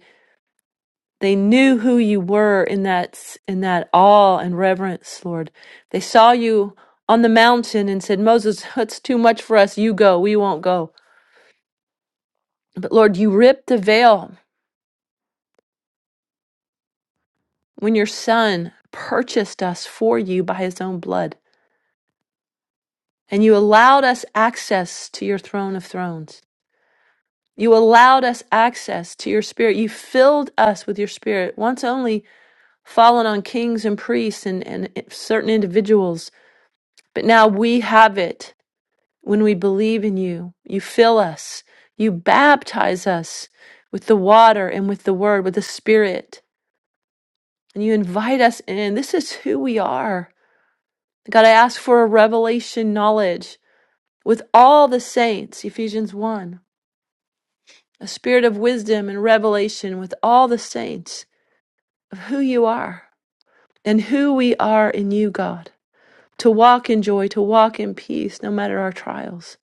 Speaker 2: they knew who you were in that in that awe and reverence, Lord. They saw you on the mountain and said, "Moses, it's too much for us. You go. We won't go." But Lord, you ripped the veil when your son purchased us for you by his own blood. And you allowed us access to your throne of thrones. You allowed us access to your spirit. You filled us with your spirit, once only fallen on kings and priests and, and certain individuals. But now we have it when we believe in you. You fill us, you baptize us with the water and with the word, with the spirit. And you invite us in. This is who we are. God, I ask for a revelation knowledge with all the saints, Ephesians 1 a spirit of wisdom and revelation with all the saints of who you are and who we are in you, God, to walk in joy, to walk in peace, no matter our trials.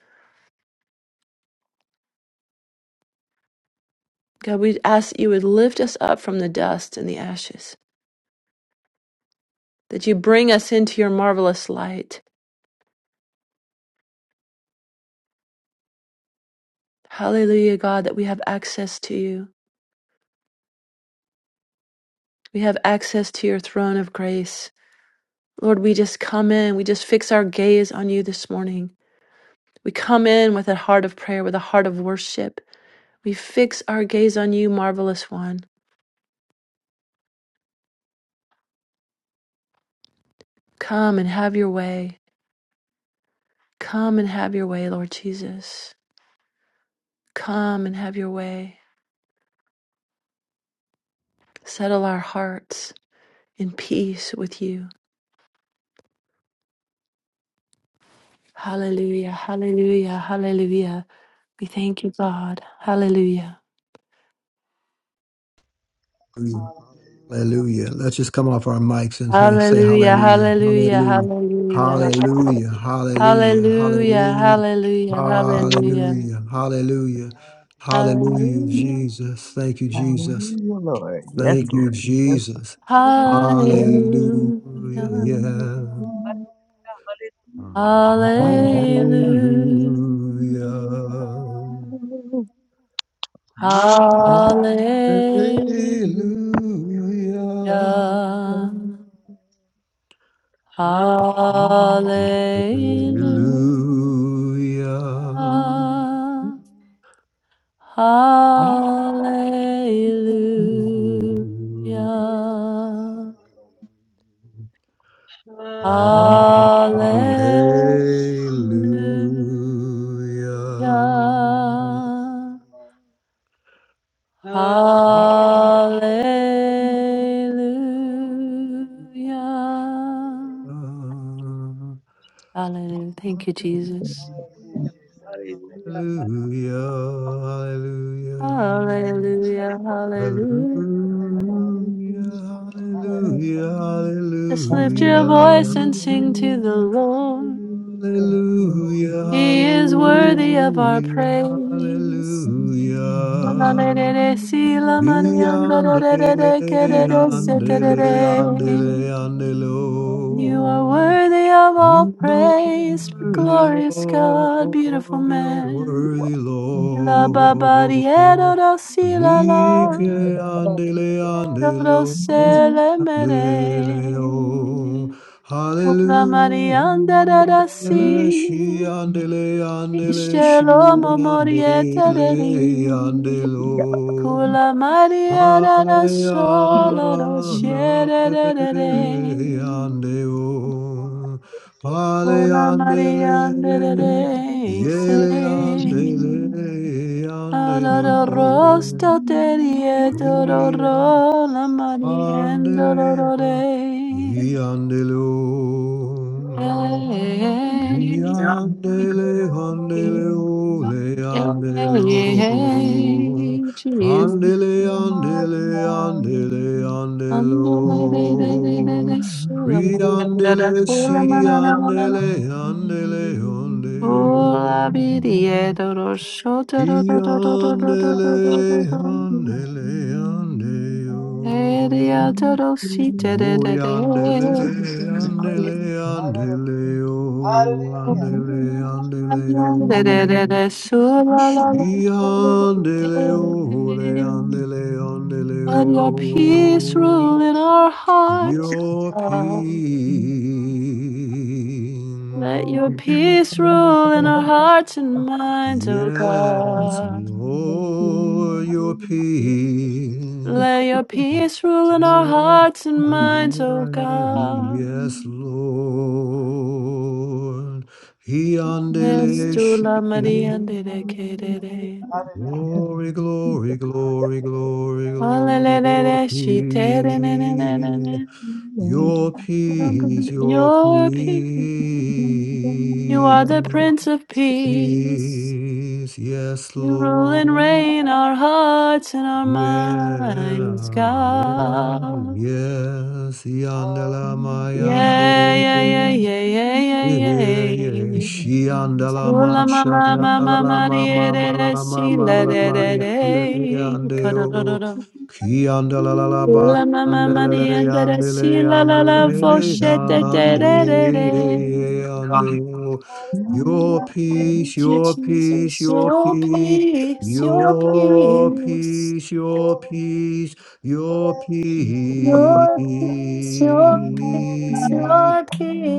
Speaker 2: God, we ask that you would lift us up from the dust and the ashes, that you bring us into your marvelous light. Hallelujah, God, that we have access to you. We have access to your throne of grace. Lord, we just come in, we just fix our gaze on you this morning. We come in with a heart of prayer, with a heart of worship We fix our gaze on you, marvelous one. Come and have your way. Come and have your way, Lord Jesus. Come and have your way. Settle our hearts in peace with you. Hallelujah, hallelujah, hallelujah. We thank you, God. Hallelujah.
Speaker 4: Mm. Hallelujah. Let's just come off our mics and say, say
Speaker 2: Hallelujah,
Speaker 4: hallelujah.
Speaker 2: hallelujah,
Speaker 4: Hallelujah.
Speaker 2: hallelujah.
Speaker 4: Hallelujah. Hallelujah.
Speaker 2: Hallelujah,
Speaker 4: Hallelujah.
Speaker 2: hallelujah, hallelujah.
Speaker 4: Hallelujah. Hallelujah. Hallelujah.
Speaker 2: Hallelujah,
Speaker 4: Jesus. Thank you, Jesus.
Speaker 5: Hallelujah, Lord. Yes,
Speaker 4: Thank you,
Speaker 5: Lord. Yes,
Speaker 4: Jesus. Hallelujah.
Speaker 2: hallelujah.
Speaker 4: Yeah. Hallelujah.
Speaker 2: Hallelujah.
Speaker 4: Hallelujah.
Speaker 2: Hallelujah. Hallelujah.
Speaker 4: Hallelujah.
Speaker 2: Hallelujah.
Speaker 6: Ah,
Speaker 4: Hallelujah.
Speaker 2: Hallelujah.
Speaker 6: ah,
Speaker 2: Hallelujah.
Speaker 4: Hallelujah, hallelujah,
Speaker 2: Hallelujah. Thank you, Jesus.
Speaker 6: Hallelujah.
Speaker 2: Hallelujah. Hallelujah.
Speaker 4: hallelujah, hallelujah.
Speaker 5: Lord.
Speaker 2: Just
Speaker 5: Thank
Speaker 2: lift your
Speaker 4: Hallelujah,
Speaker 2: voice and sing to the Lord. He is worthy of our
Speaker 4: hallelujah,
Speaker 2: praise.
Speaker 4: hallelujah.
Speaker 2: Hallelujah.
Speaker 4: Hallelujah! Yandele, yandele, yandele, yandele, oh.
Speaker 2: You are worthy of all
Speaker 4: You
Speaker 2: praise, glorious
Speaker 4: are
Speaker 2: God, beautiful
Speaker 4: worthy, Lord. You're
Speaker 2: man.
Speaker 4: worthy,
Speaker 2: La
Speaker 4: Lord.
Speaker 2: ba ba di e do do si la la,
Speaker 4: Like yandele,
Speaker 2: e do
Speaker 4: yandele,
Speaker 2: do
Speaker 4: oh,
Speaker 2: se le me
Speaker 4: yandele, oh.
Speaker 2: re. Ula marianda da da
Speaker 4: Hallelujah.
Speaker 2: si,
Speaker 4: She andele, andele
Speaker 2: ishe
Speaker 4: she
Speaker 2: lo mo
Speaker 4: andele,
Speaker 2: moriete de ri.
Speaker 4: yandele, oh.
Speaker 2: Kula Maria da da
Speaker 4: Vale
Speaker 2: solo do
Speaker 4: ana
Speaker 2: shere de de
Speaker 4: me
Speaker 2: de.
Speaker 4: Andeo, Pale
Speaker 2: Hola
Speaker 4: andele,
Speaker 2: María, andere,
Speaker 4: yele andele,
Speaker 2: say. Alaro
Speaker 4: andelo,
Speaker 2: rosta terie,
Speaker 6: Hallelujah.
Speaker 4: ia-
Speaker 2: dororo, la María,
Speaker 4: andele,
Speaker 2: dororore. Hey,
Speaker 4: iandelo.
Speaker 2: hey,
Speaker 5: you.
Speaker 4: Mi
Speaker 2: hey,
Speaker 4: andele andele ole andelo.
Speaker 2: Jesus.
Speaker 4: Prandele andele andele
Speaker 2: Ando la de de de de
Speaker 4: andelo.
Speaker 2: de, sola
Speaker 4: pri
Speaker 2: María, andere,
Speaker 4: andele
Speaker 2: hola
Speaker 4: si
Speaker 2: manana manana.
Speaker 4: andele andele ondeo.
Speaker 2: Hola, vidie, dororo, shota,
Speaker 4: I
Speaker 2: dororo, dororo,
Speaker 4: andele
Speaker 2: dororo, dororo,
Speaker 4: andele andeo.
Speaker 2: Eria toro si te de de
Speaker 4: Uy,
Speaker 2: de.
Speaker 4: andele, andele, andele, oh, andele, andele,
Speaker 2: De de de
Speaker 4: oh.
Speaker 2: de su la la
Speaker 4: Y
Speaker 2: la
Speaker 4: andele,
Speaker 2: de
Speaker 4: oh, le, andele, andele,
Speaker 2: Let your peace
Speaker 4: oh.
Speaker 2: rule in our hearts.
Speaker 4: Your peace.
Speaker 2: God. Let your peace rule in our hearts and minds, O
Speaker 4: Yes,
Speaker 2: God.
Speaker 5: Thank
Speaker 4: Lord, your peace
Speaker 2: Let your peace rule
Speaker 4: Yes,
Speaker 2: in our hearts and minds, O God.
Speaker 4: Lord. He
Speaker 2: Yes, tu
Speaker 4: andeleshi.
Speaker 2: la Maria de de
Speaker 4: Glory, glory, glory, glory,
Speaker 2: Hallelujah, she did it, na, na, na, na,
Speaker 4: glory.
Speaker 2: na.
Speaker 4: Your peace, your
Speaker 2: Your peace. You are the
Speaker 4: peace.
Speaker 2: Prince of Peace.
Speaker 4: Peace, yes,
Speaker 2: You rule and
Speaker 4: Lord.
Speaker 2: reign our hearts and our minds,
Speaker 4: Yelam yelam
Speaker 2: God.
Speaker 4: yesi andela
Speaker 2: Yeah, yeah, yeah,
Speaker 4: mayande
Speaker 2: yeah, yeah,
Speaker 5: you.
Speaker 4: yeah,
Speaker 2: yeah,
Speaker 4: yeah, yeah.
Speaker 2: yeah.
Speaker 4: Shiandala ma
Speaker 2: Sula ma mama,
Speaker 4: shandala
Speaker 2: ma
Speaker 4: la
Speaker 2: ma
Speaker 4: la
Speaker 2: ma
Speaker 4: ma
Speaker 2: e
Speaker 4: ma ma
Speaker 2: de
Speaker 4: la
Speaker 2: de
Speaker 4: la ma
Speaker 2: si
Speaker 4: ma la
Speaker 2: la
Speaker 4: la
Speaker 2: de
Speaker 4: ma
Speaker 2: de
Speaker 4: yandele yande o.
Speaker 2: de.
Speaker 4: Kiandala la la ba
Speaker 2: Ula mama
Speaker 4: yandele
Speaker 2: mani
Speaker 4: le
Speaker 2: andara si
Speaker 4: yandele
Speaker 2: la la la
Speaker 4: yandele
Speaker 2: voce te te
Speaker 4: yande
Speaker 2: re re re.
Speaker 4: yande o. Your peace,
Speaker 2: Thank you,
Speaker 4: your peace,
Speaker 2: Jesus.
Speaker 4: your
Speaker 2: Your
Speaker 4: peace,
Speaker 2: peace, your
Speaker 4: your
Speaker 2: peace,
Speaker 4: peace, your peace, your
Speaker 2: your peace, your peace, your peace,
Speaker 4: peace.
Speaker 2: your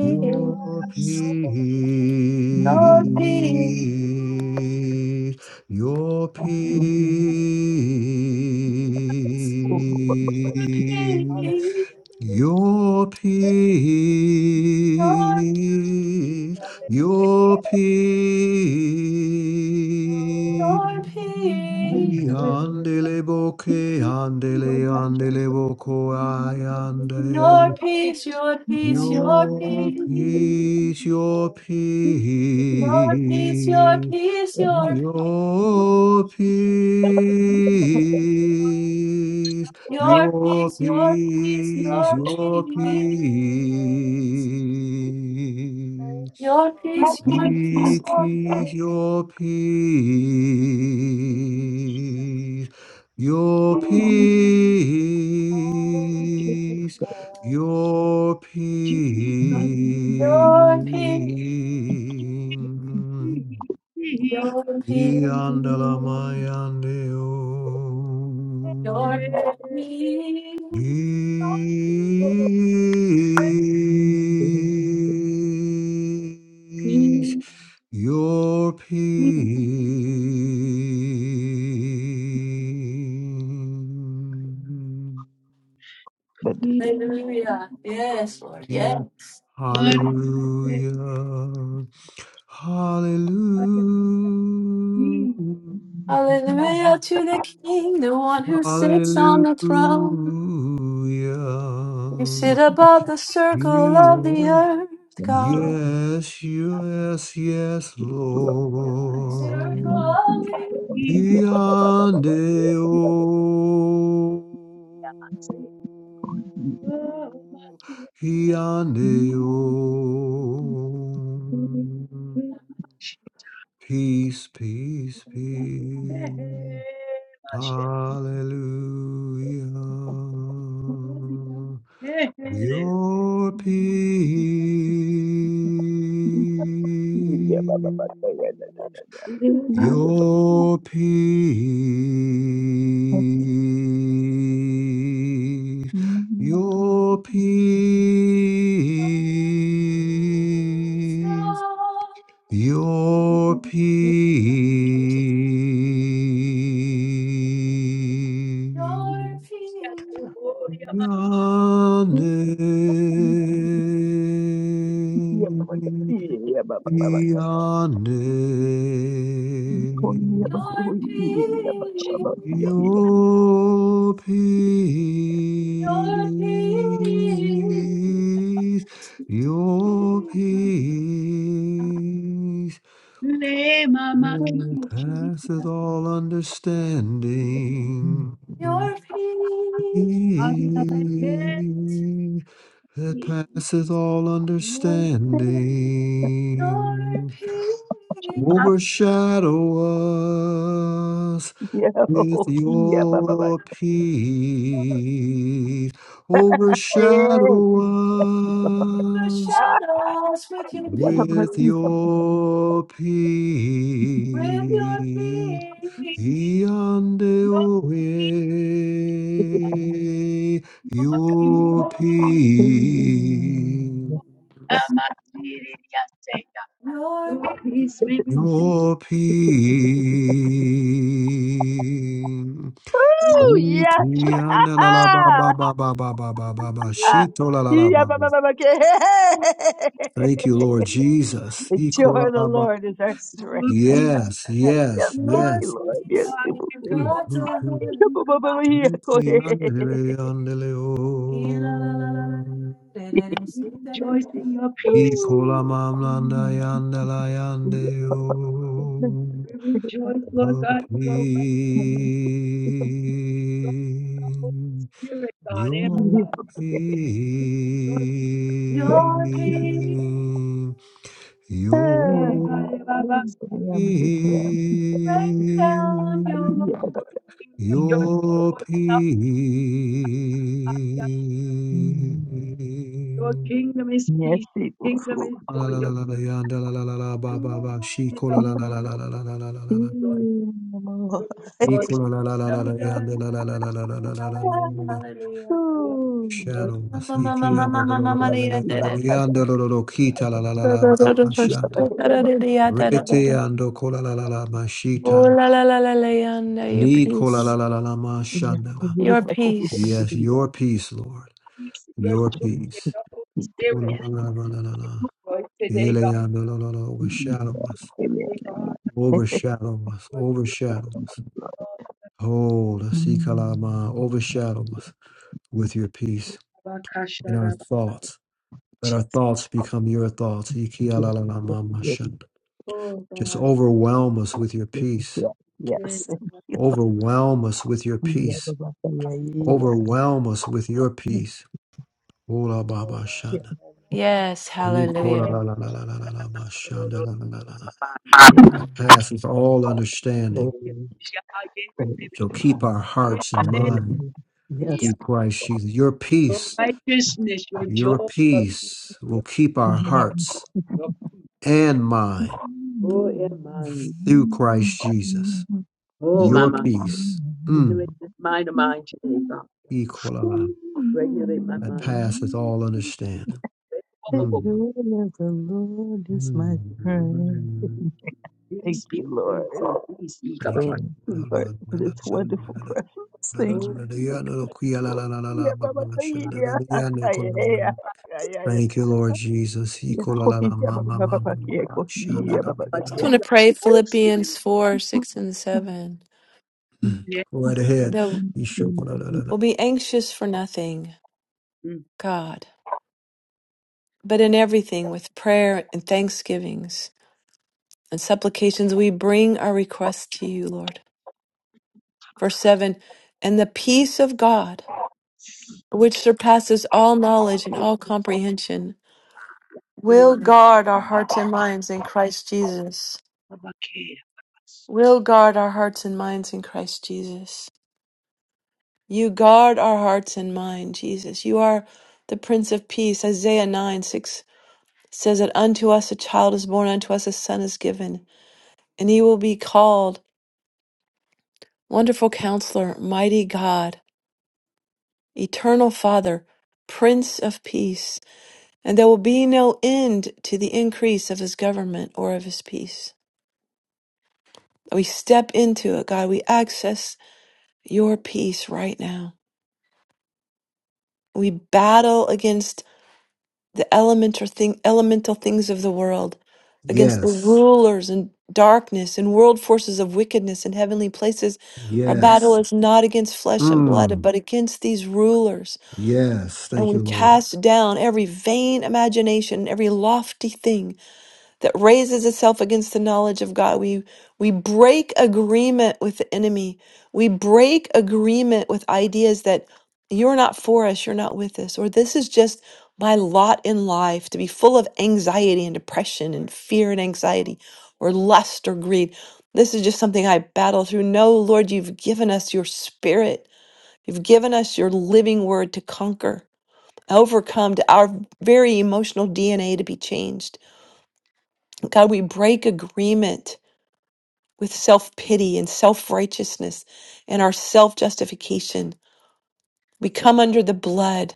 Speaker 4: Your peace,
Speaker 2: Your peace,
Speaker 4: your peace, your
Speaker 2: your
Speaker 4: peace,
Speaker 2: peace.
Speaker 4: your peace.
Speaker 2: Your
Speaker 6: I
Speaker 2: peace,
Speaker 6: declare
Speaker 4: Andele boke, andele,
Speaker 6: what I shall
Speaker 4: andele boko ayande.
Speaker 2: your peace, your peace, your
Speaker 4: Your
Speaker 2: peace,
Speaker 4: peace, your
Speaker 2: your peace, your
Speaker 4: peace,
Speaker 2: peace, your peace,
Speaker 4: your peace,
Speaker 2: your
Speaker 4: your
Speaker 2: peace, your peace, your peace,
Speaker 4: peace, your peace.
Speaker 2: your peace, your peace, your peace, your peace,
Speaker 4: We keep your peace, your
Speaker 6: be.
Speaker 4: peace, your
Speaker 6: Jesus is able.
Speaker 4: peace.
Speaker 6: He
Speaker 2: your
Speaker 6: is
Speaker 4: The
Speaker 2: peace, your
Speaker 4: Andalamayandeo.
Speaker 2: peace. your peace.
Speaker 6: Hallelujah. He
Speaker 4: Is your
Speaker 6: is
Speaker 4: peace.
Speaker 6: able. Hallelujah. Hallelujah.
Speaker 2: Hallelujah. Yes, Lord.
Speaker 4: Hallelujah.
Speaker 2: Yes.
Speaker 6: Hey,
Speaker 4: Hallelujah.
Speaker 2: Hallelujah to the King, the one who sits
Speaker 4: Hallelujah.
Speaker 2: on the throne. You sit above the circle of the
Speaker 4: He
Speaker 2: earth, God.
Speaker 4: Yes, yes, yes,
Speaker 2: Circle
Speaker 4: Lord.
Speaker 2: of the
Speaker 5: Yeah,
Speaker 4: Yande o, yande o. Peace, peace,
Speaker 6: hey,
Speaker 4: peace.
Speaker 6: my shepherd,
Speaker 4: Hallelujah.
Speaker 6: hey, hey,
Speaker 4: Your peace,
Speaker 6: hey, hey, hey, hey,
Speaker 4: your peace, your
Speaker 2: earth,
Speaker 4: peace,
Speaker 2: God.
Speaker 4: your peace.
Speaker 2: Your peace,
Speaker 5: Ooh, yeah.
Speaker 4: Yane,
Speaker 5: Yeah, ba, ba, ba, ba, okay.
Speaker 4: Yane,
Speaker 2: your peace,
Speaker 4: your
Speaker 2: your peace.
Speaker 4: peace, your peace
Speaker 6: Ne mama kiri
Speaker 4: passeth all understanding.
Speaker 2: Your peace,
Speaker 6: Hari Amen. Hey,
Speaker 4: peace that passes all
Speaker 2: your
Speaker 4: understanding.
Speaker 2: peace
Speaker 6: that's
Speaker 4: Overshadow us with your peace. Overshadow us
Speaker 2: overshadows with your peace,
Speaker 4: with your
Speaker 2: with your
Speaker 4: peace
Speaker 2: peace.
Speaker 4: and away your
Speaker 2: Your peace,
Speaker 4: peace
Speaker 6: your
Speaker 2: your
Speaker 6: peace. We
Speaker 4: your peace Iki anda la la ba ba ba ba ba ba ba ba ba. Shito la la la ba. Thank you, Lord
Speaker 2: peace, your
Speaker 4: Jesus.
Speaker 5: The joy
Speaker 4: Iko la
Speaker 5: of the
Speaker 4: la ba.
Speaker 5: Lord is our
Speaker 6: receive
Speaker 5: strength.
Speaker 6: your
Speaker 5: Yes,
Speaker 6: peace.
Speaker 4: Yes,
Speaker 5: yes,
Speaker 4: yes,
Speaker 5: thank you,
Speaker 4: yes.
Speaker 5: Lord. Yes,
Speaker 2: peace,
Speaker 6: Lord,
Speaker 5: it will.
Speaker 2: Lord
Speaker 4: Mm,
Speaker 6: Lord,
Speaker 2: God
Speaker 4: mm,
Speaker 2: our
Speaker 4: mm.
Speaker 2: heart.
Speaker 5: Yeah,
Speaker 2: and
Speaker 5: ba,
Speaker 2: mind.
Speaker 5: ba, ba, ba, yeah, go
Speaker 4: Iti
Speaker 6: we,
Speaker 4: andele
Speaker 5: ahead.
Speaker 4: andele o.
Speaker 2: Ee La la la la la. la. Da, da, da,
Speaker 6: we
Speaker 2: see, da, da.
Speaker 6: rejoice in your
Speaker 5: Yes,
Speaker 6: peace.
Speaker 4: Ikola mamlanda yandala yande o.
Speaker 6: We rejoice, Lord God, in
Speaker 4: Yopi.
Speaker 6: your rightful spirit, God. Eh,
Speaker 2: da.
Speaker 6: Baba,
Speaker 4: Yopi.
Speaker 6: We rejoice,
Speaker 2: Your peace,
Speaker 6: eh, God, eh, Baba, so
Speaker 2: rain down your
Speaker 4: Yopi.
Speaker 2: peace.
Speaker 6: that your
Speaker 4: Your
Speaker 6: joy enough.
Speaker 4: peace.
Speaker 6: Your kingdom is peace. Your
Speaker 5: it will
Speaker 6: kingdom is
Speaker 5: cool.
Speaker 4: La
Speaker 6: joy.
Speaker 4: la la
Speaker 6: Your
Speaker 5: Sure.
Speaker 4: la la yanda la la la la ba
Speaker 2: to
Speaker 4: ba
Speaker 2: us.
Speaker 4: ba she ko la la la la la la la la la la la la.
Speaker 5: Mm,
Speaker 4: He
Speaker 6: kingdom
Speaker 4: ko
Speaker 6: is joy.
Speaker 4: la la la la la
Speaker 2: So
Speaker 4: la
Speaker 2: good. Hallelujah,
Speaker 4: yanda la la la la la la la la la la
Speaker 2: hallelujah,
Speaker 4: la.
Speaker 6: Your
Speaker 4: Shadow Masiki
Speaker 5: Ooh.
Speaker 4: yanda la la la la la la la la yanda la la la kita la la la la ba ba shanda. Rete
Speaker 2: hallelujah.
Speaker 4: yando ko la la la la
Speaker 2: Oh
Speaker 4: mashita.
Speaker 2: la la la la la, yonder, your
Speaker 4: Ni ko la la
Speaker 2: peace,
Speaker 4: la la la ma shanda la.
Speaker 2: your peace.
Speaker 4: Yes, your peace, Lord.
Speaker 6: peace, your
Speaker 4: Your
Speaker 6: joy, and
Speaker 4: peace.
Speaker 6: your Holy
Speaker 4: Oh, la
Speaker 6: Spirit.
Speaker 4: la la la la la
Speaker 6: Joy today, God.
Speaker 4: Elea, la la la la Overshadow us.
Speaker 6: Hey, God,
Speaker 4: Overshadow us. Overshadow us. Oh, la us. Ikalama. Overshadow us with your peace in our
Speaker 6: Bakasharaba.
Speaker 4: thoughts. Let our thoughts become your thoughts.
Speaker 5: Yes.
Speaker 4: Ikialalalamamashand.
Speaker 6: Oh,
Speaker 4: Just
Speaker 6: God.
Speaker 4: overwhelm us with your
Speaker 5: Yes,
Speaker 4: peace.
Speaker 6: Hey,
Speaker 5: yes, yes. Thank you.
Speaker 4: Overwhelm us with your
Speaker 5: Yeah,
Speaker 4: peace.
Speaker 5: ba, ba, ba, yeah, yeah,
Speaker 4: Overwhelm us with your
Speaker 5: yeah.
Speaker 4: peace. Oh, la ba, ba, shan.
Speaker 5: Yeah.
Speaker 2: Yes,
Speaker 4: Iki, la
Speaker 2: hallelujah.
Speaker 4: la la
Speaker 5: Mm.
Speaker 4: us all understanding.
Speaker 5: Oh,
Speaker 6: yeah, yeah, yeah,
Speaker 5: praise
Speaker 6: yeah,
Speaker 4: So
Speaker 5: the
Speaker 6: yeah,
Speaker 4: keep
Speaker 5: Lord.
Speaker 4: our
Speaker 6: yeah.
Speaker 4: hearts
Speaker 6: I
Speaker 4: and
Speaker 5: Praise
Speaker 6: get
Speaker 5: the
Speaker 4: mind
Speaker 6: it.
Speaker 5: Yes.
Speaker 4: through Christ Jesus. Your
Speaker 6: Your
Speaker 4: peace,
Speaker 6: righteousness, your
Speaker 4: your
Speaker 6: joy,
Speaker 4: peace
Speaker 6: your
Speaker 4: will keep our
Speaker 6: joy,
Speaker 5: Mm.
Speaker 4: hearts
Speaker 6: your
Speaker 4: and mind
Speaker 6: joy in mind.
Speaker 4: through Christ Jesus.
Speaker 6: Oh,
Speaker 4: Your
Speaker 6: Mama,
Speaker 4: peace,
Speaker 6: you
Speaker 4: mm,
Speaker 6: make this mind of mine today, God.
Speaker 4: equal
Speaker 6: Great
Speaker 4: that
Speaker 6: mind.
Speaker 4: passes all understanding.
Speaker 6: oh, oh,
Speaker 5: The
Speaker 6: oh, oh,
Speaker 4: Mm,
Speaker 5: joy of the Lord is my strength.
Speaker 4: mm, mm.
Speaker 5: Thank
Speaker 6: Peace, peace,
Speaker 5: you,
Speaker 6: peace,
Speaker 5: Lord.
Speaker 6: peace, peace, peace, God,
Speaker 4: Thank
Speaker 6: Baba.
Speaker 5: and we are in this wonderful presence. Thank you
Speaker 6: Oh,
Speaker 5: for
Speaker 6: yeah,
Speaker 5: your presence, Lord. Yeah, Baba, yeah, yeah, yeah,
Speaker 4: you.
Speaker 5: yeah, yeah, yeah, yeah.
Speaker 4: Thank you, Lord Jesus. He
Speaker 5: Yeah,
Speaker 4: kola
Speaker 5: go
Speaker 4: la la
Speaker 5: yeah,
Speaker 4: ma
Speaker 5: Baba,
Speaker 4: ma
Speaker 5: Baba,
Speaker 4: ma ma
Speaker 5: Baba, yeah,
Speaker 4: ma ma
Speaker 5: go
Speaker 4: sha
Speaker 6: oh, yeah,
Speaker 4: la
Speaker 5: yeah,
Speaker 4: la
Speaker 5: Baba,
Speaker 4: la
Speaker 5: go
Speaker 6: Baba,
Speaker 4: la
Speaker 2: Just
Speaker 4: la.
Speaker 5: ahead.
Speaker 2: want to
Speaker 6: Jesus.
Speaker 2: pray
Speaker 6: Oh, see you, baby.
Speaker 2: Philippians 4, 6, and 7.
Speaker 4: Hmm.
Speaker 6: Yeah.
Speaker 4: Go
Speaker 5: Yeah,
Speaker 4: right ahead.
Speaker 2: No,
Speaker 4: He sho kola la la la.
Speaker 2: we'll be anxious for nothing,
Speaker 6: Mm,
Speaker 2: God, but in everything with prayer and thanksgivings and supplications, we bring our requests to you, Lord. Verse 7 And the peace of God. which surpasses all knowledge and all comprehension, will
Speaker 6: mm.
Speaker 2: guard our hearts and minds in Christ Jesus.
Speaker 6: Baba, care.
Speaker 2: Will guard our hearts and minds in Christ Jesus. You guard our hearts and mind, Jesus. You are the Prince of Peace. Isaiah 9 6 says that unto us a child is born, unto us a son is given, and he will be called Wonderful Counselor, Mighty God, Eternal Father, Prince of Peace. and there will be no end to the increase of his government or of his peace. We step into it, God. We access your peace right now. We battle against the elemental thing, elemental things of the world, against the
Speaker 4: Yes.
Speaker 2: rulers and darkness and world forces of wickedness in heavenly places. Our battle
Speaker 4: Yes.
Speaker 2: is not against flesh and blood,
Speaker 4: Mm.
Speaker 2: but against these rulers.
Speaker 4: Yes.
Speaker 2: And
Speaker 4: Thank
Speaker 2: we
Speaker 4: you, Lord.
Speaker 2: cast down every vain imagination, every lofty thing that raises itself against the knowledge of God. We we break agreement with the enemy. We break agreement with ideas that you're not for us, you're not with us, or this is just my lot in life to be full of anxiety and depression and fear and anxiety or lust or greed. This is just something I battle through. No, Lord, you've given us your spirit. You've given us your living word to conquer, overcome, to our very emotional DNA to be changed. God, we break agreement with self pity and self righteousness and our self justification. We come under the blood,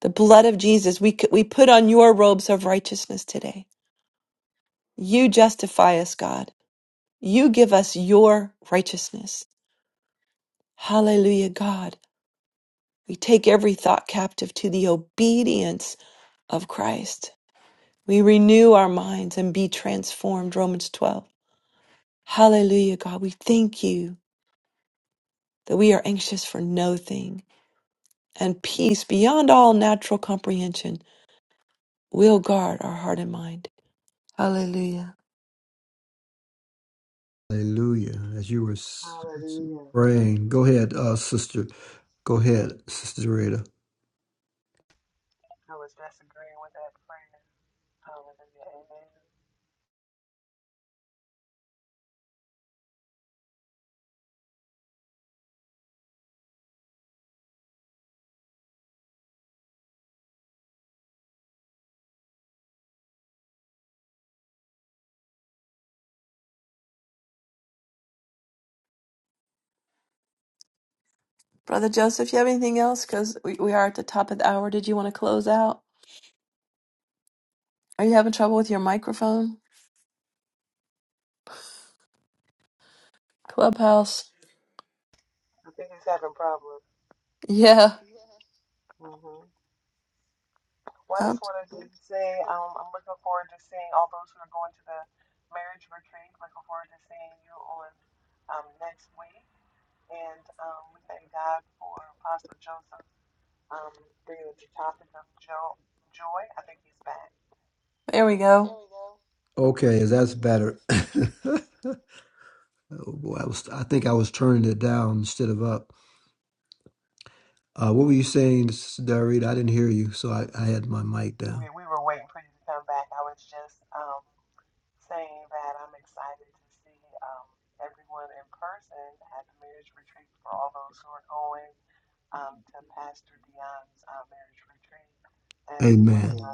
Speaker 2: the blood of Jesus. We, c- we put on your robes of righteousness today. You justify us, God. You give us your righteousness. Hallelujah, God. We take every thought captive to the obedience of Christ. We renew our minds and be transformed. Romans 12. Hallelujah, God. We thank you that we are anxious for no thing and peace beyond all natural comprehension will guard our heart and mind. Hallelujah.
Speaker 4: Hallelujah. As you were s- s- praying, go ahead, uh, sister. Go ahead, sister Rita.
Speaker 2: Brother Joseph, you have anything else? Because we, we are at the top of the hour. Did you want to close out? Are you having trouble with your microphone? Clubhouse. Yeah. Oh, there we go.
Speaker 4: Okay, that's better. oh boy, I was. I think I was turning it down instead of up. Uh, what were you saying, sister Rita? I didn't hear you, so I, I had my mic down. Amen.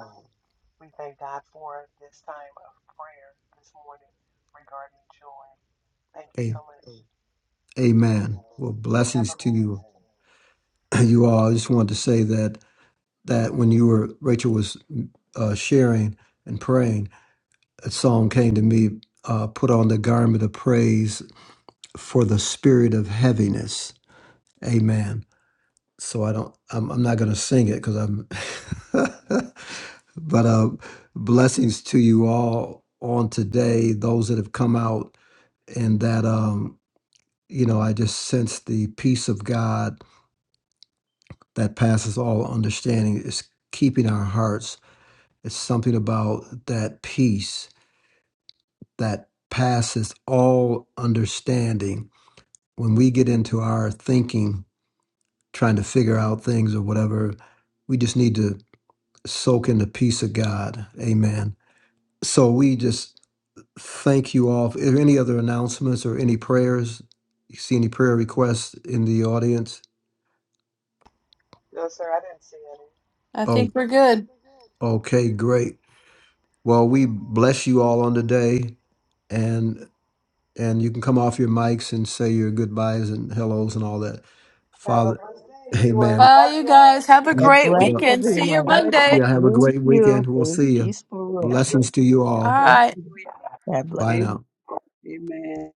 Speaker 4: Amen. Well, blessings to you, you all. I just wanted to say that that when you were Rachel was uh, sharing and praying, a song came to me. Uh, Put on the garment of praise for the spirit of heaviness. Amen. So I don't. I'm, I'm not going to sing it because I'm. but uh, blessings to you all on today. Those that have come out and that um, you know, I just sense the peace of God that passes all understanding. It's keeping our hearts. It's something about that peace that passes all understanding. When we get into our thinking, trying to figure out things or whatever, we just need to soak in the peace of God. Amen. So we just thank you all. If any other announcements or any prayers, you see any prayer requests in the audience?
Speaker 2: I
Speaker 4: Oh,
Speaker 2: think we're good.
Speaker 4: okay, great. Well, we bless you all on the day, and and you can come off your mics and say your goodbyes and hellos and all that. Father, Amen.
Speaker 2: Bye, you guys. Have a
Speaker 5: God
Speaker 2: great
Speaker 5: Bless
Speaker 4: Yeah,
Speaker 6: Good
Speaker 2: weekend. See you
Speaker 5: everyone.
Speaker 6: night.
Speaker 2: Monday.
Speaker 4: yeah. Have a
Speaker 5: Thank
Speaker 4: great
Speaker 5: you
Speaker 4: weekend. We'll
Speaker 5: for this
Speaker 4: see you.
Speaker 5: peaceful room, Lord
Speaker 4: Blessings to
Speaker 5: Jesus.
Speaker 4: you
Speaker 2: All
Speaker 4: all.
Speaker 5: Thank
Speaker 2: right.
Speaker 5: you. God bless.
Speaker 4: Bye
Speaker 6: Good.
Speaker 4: now.
Speaker 6: Amen.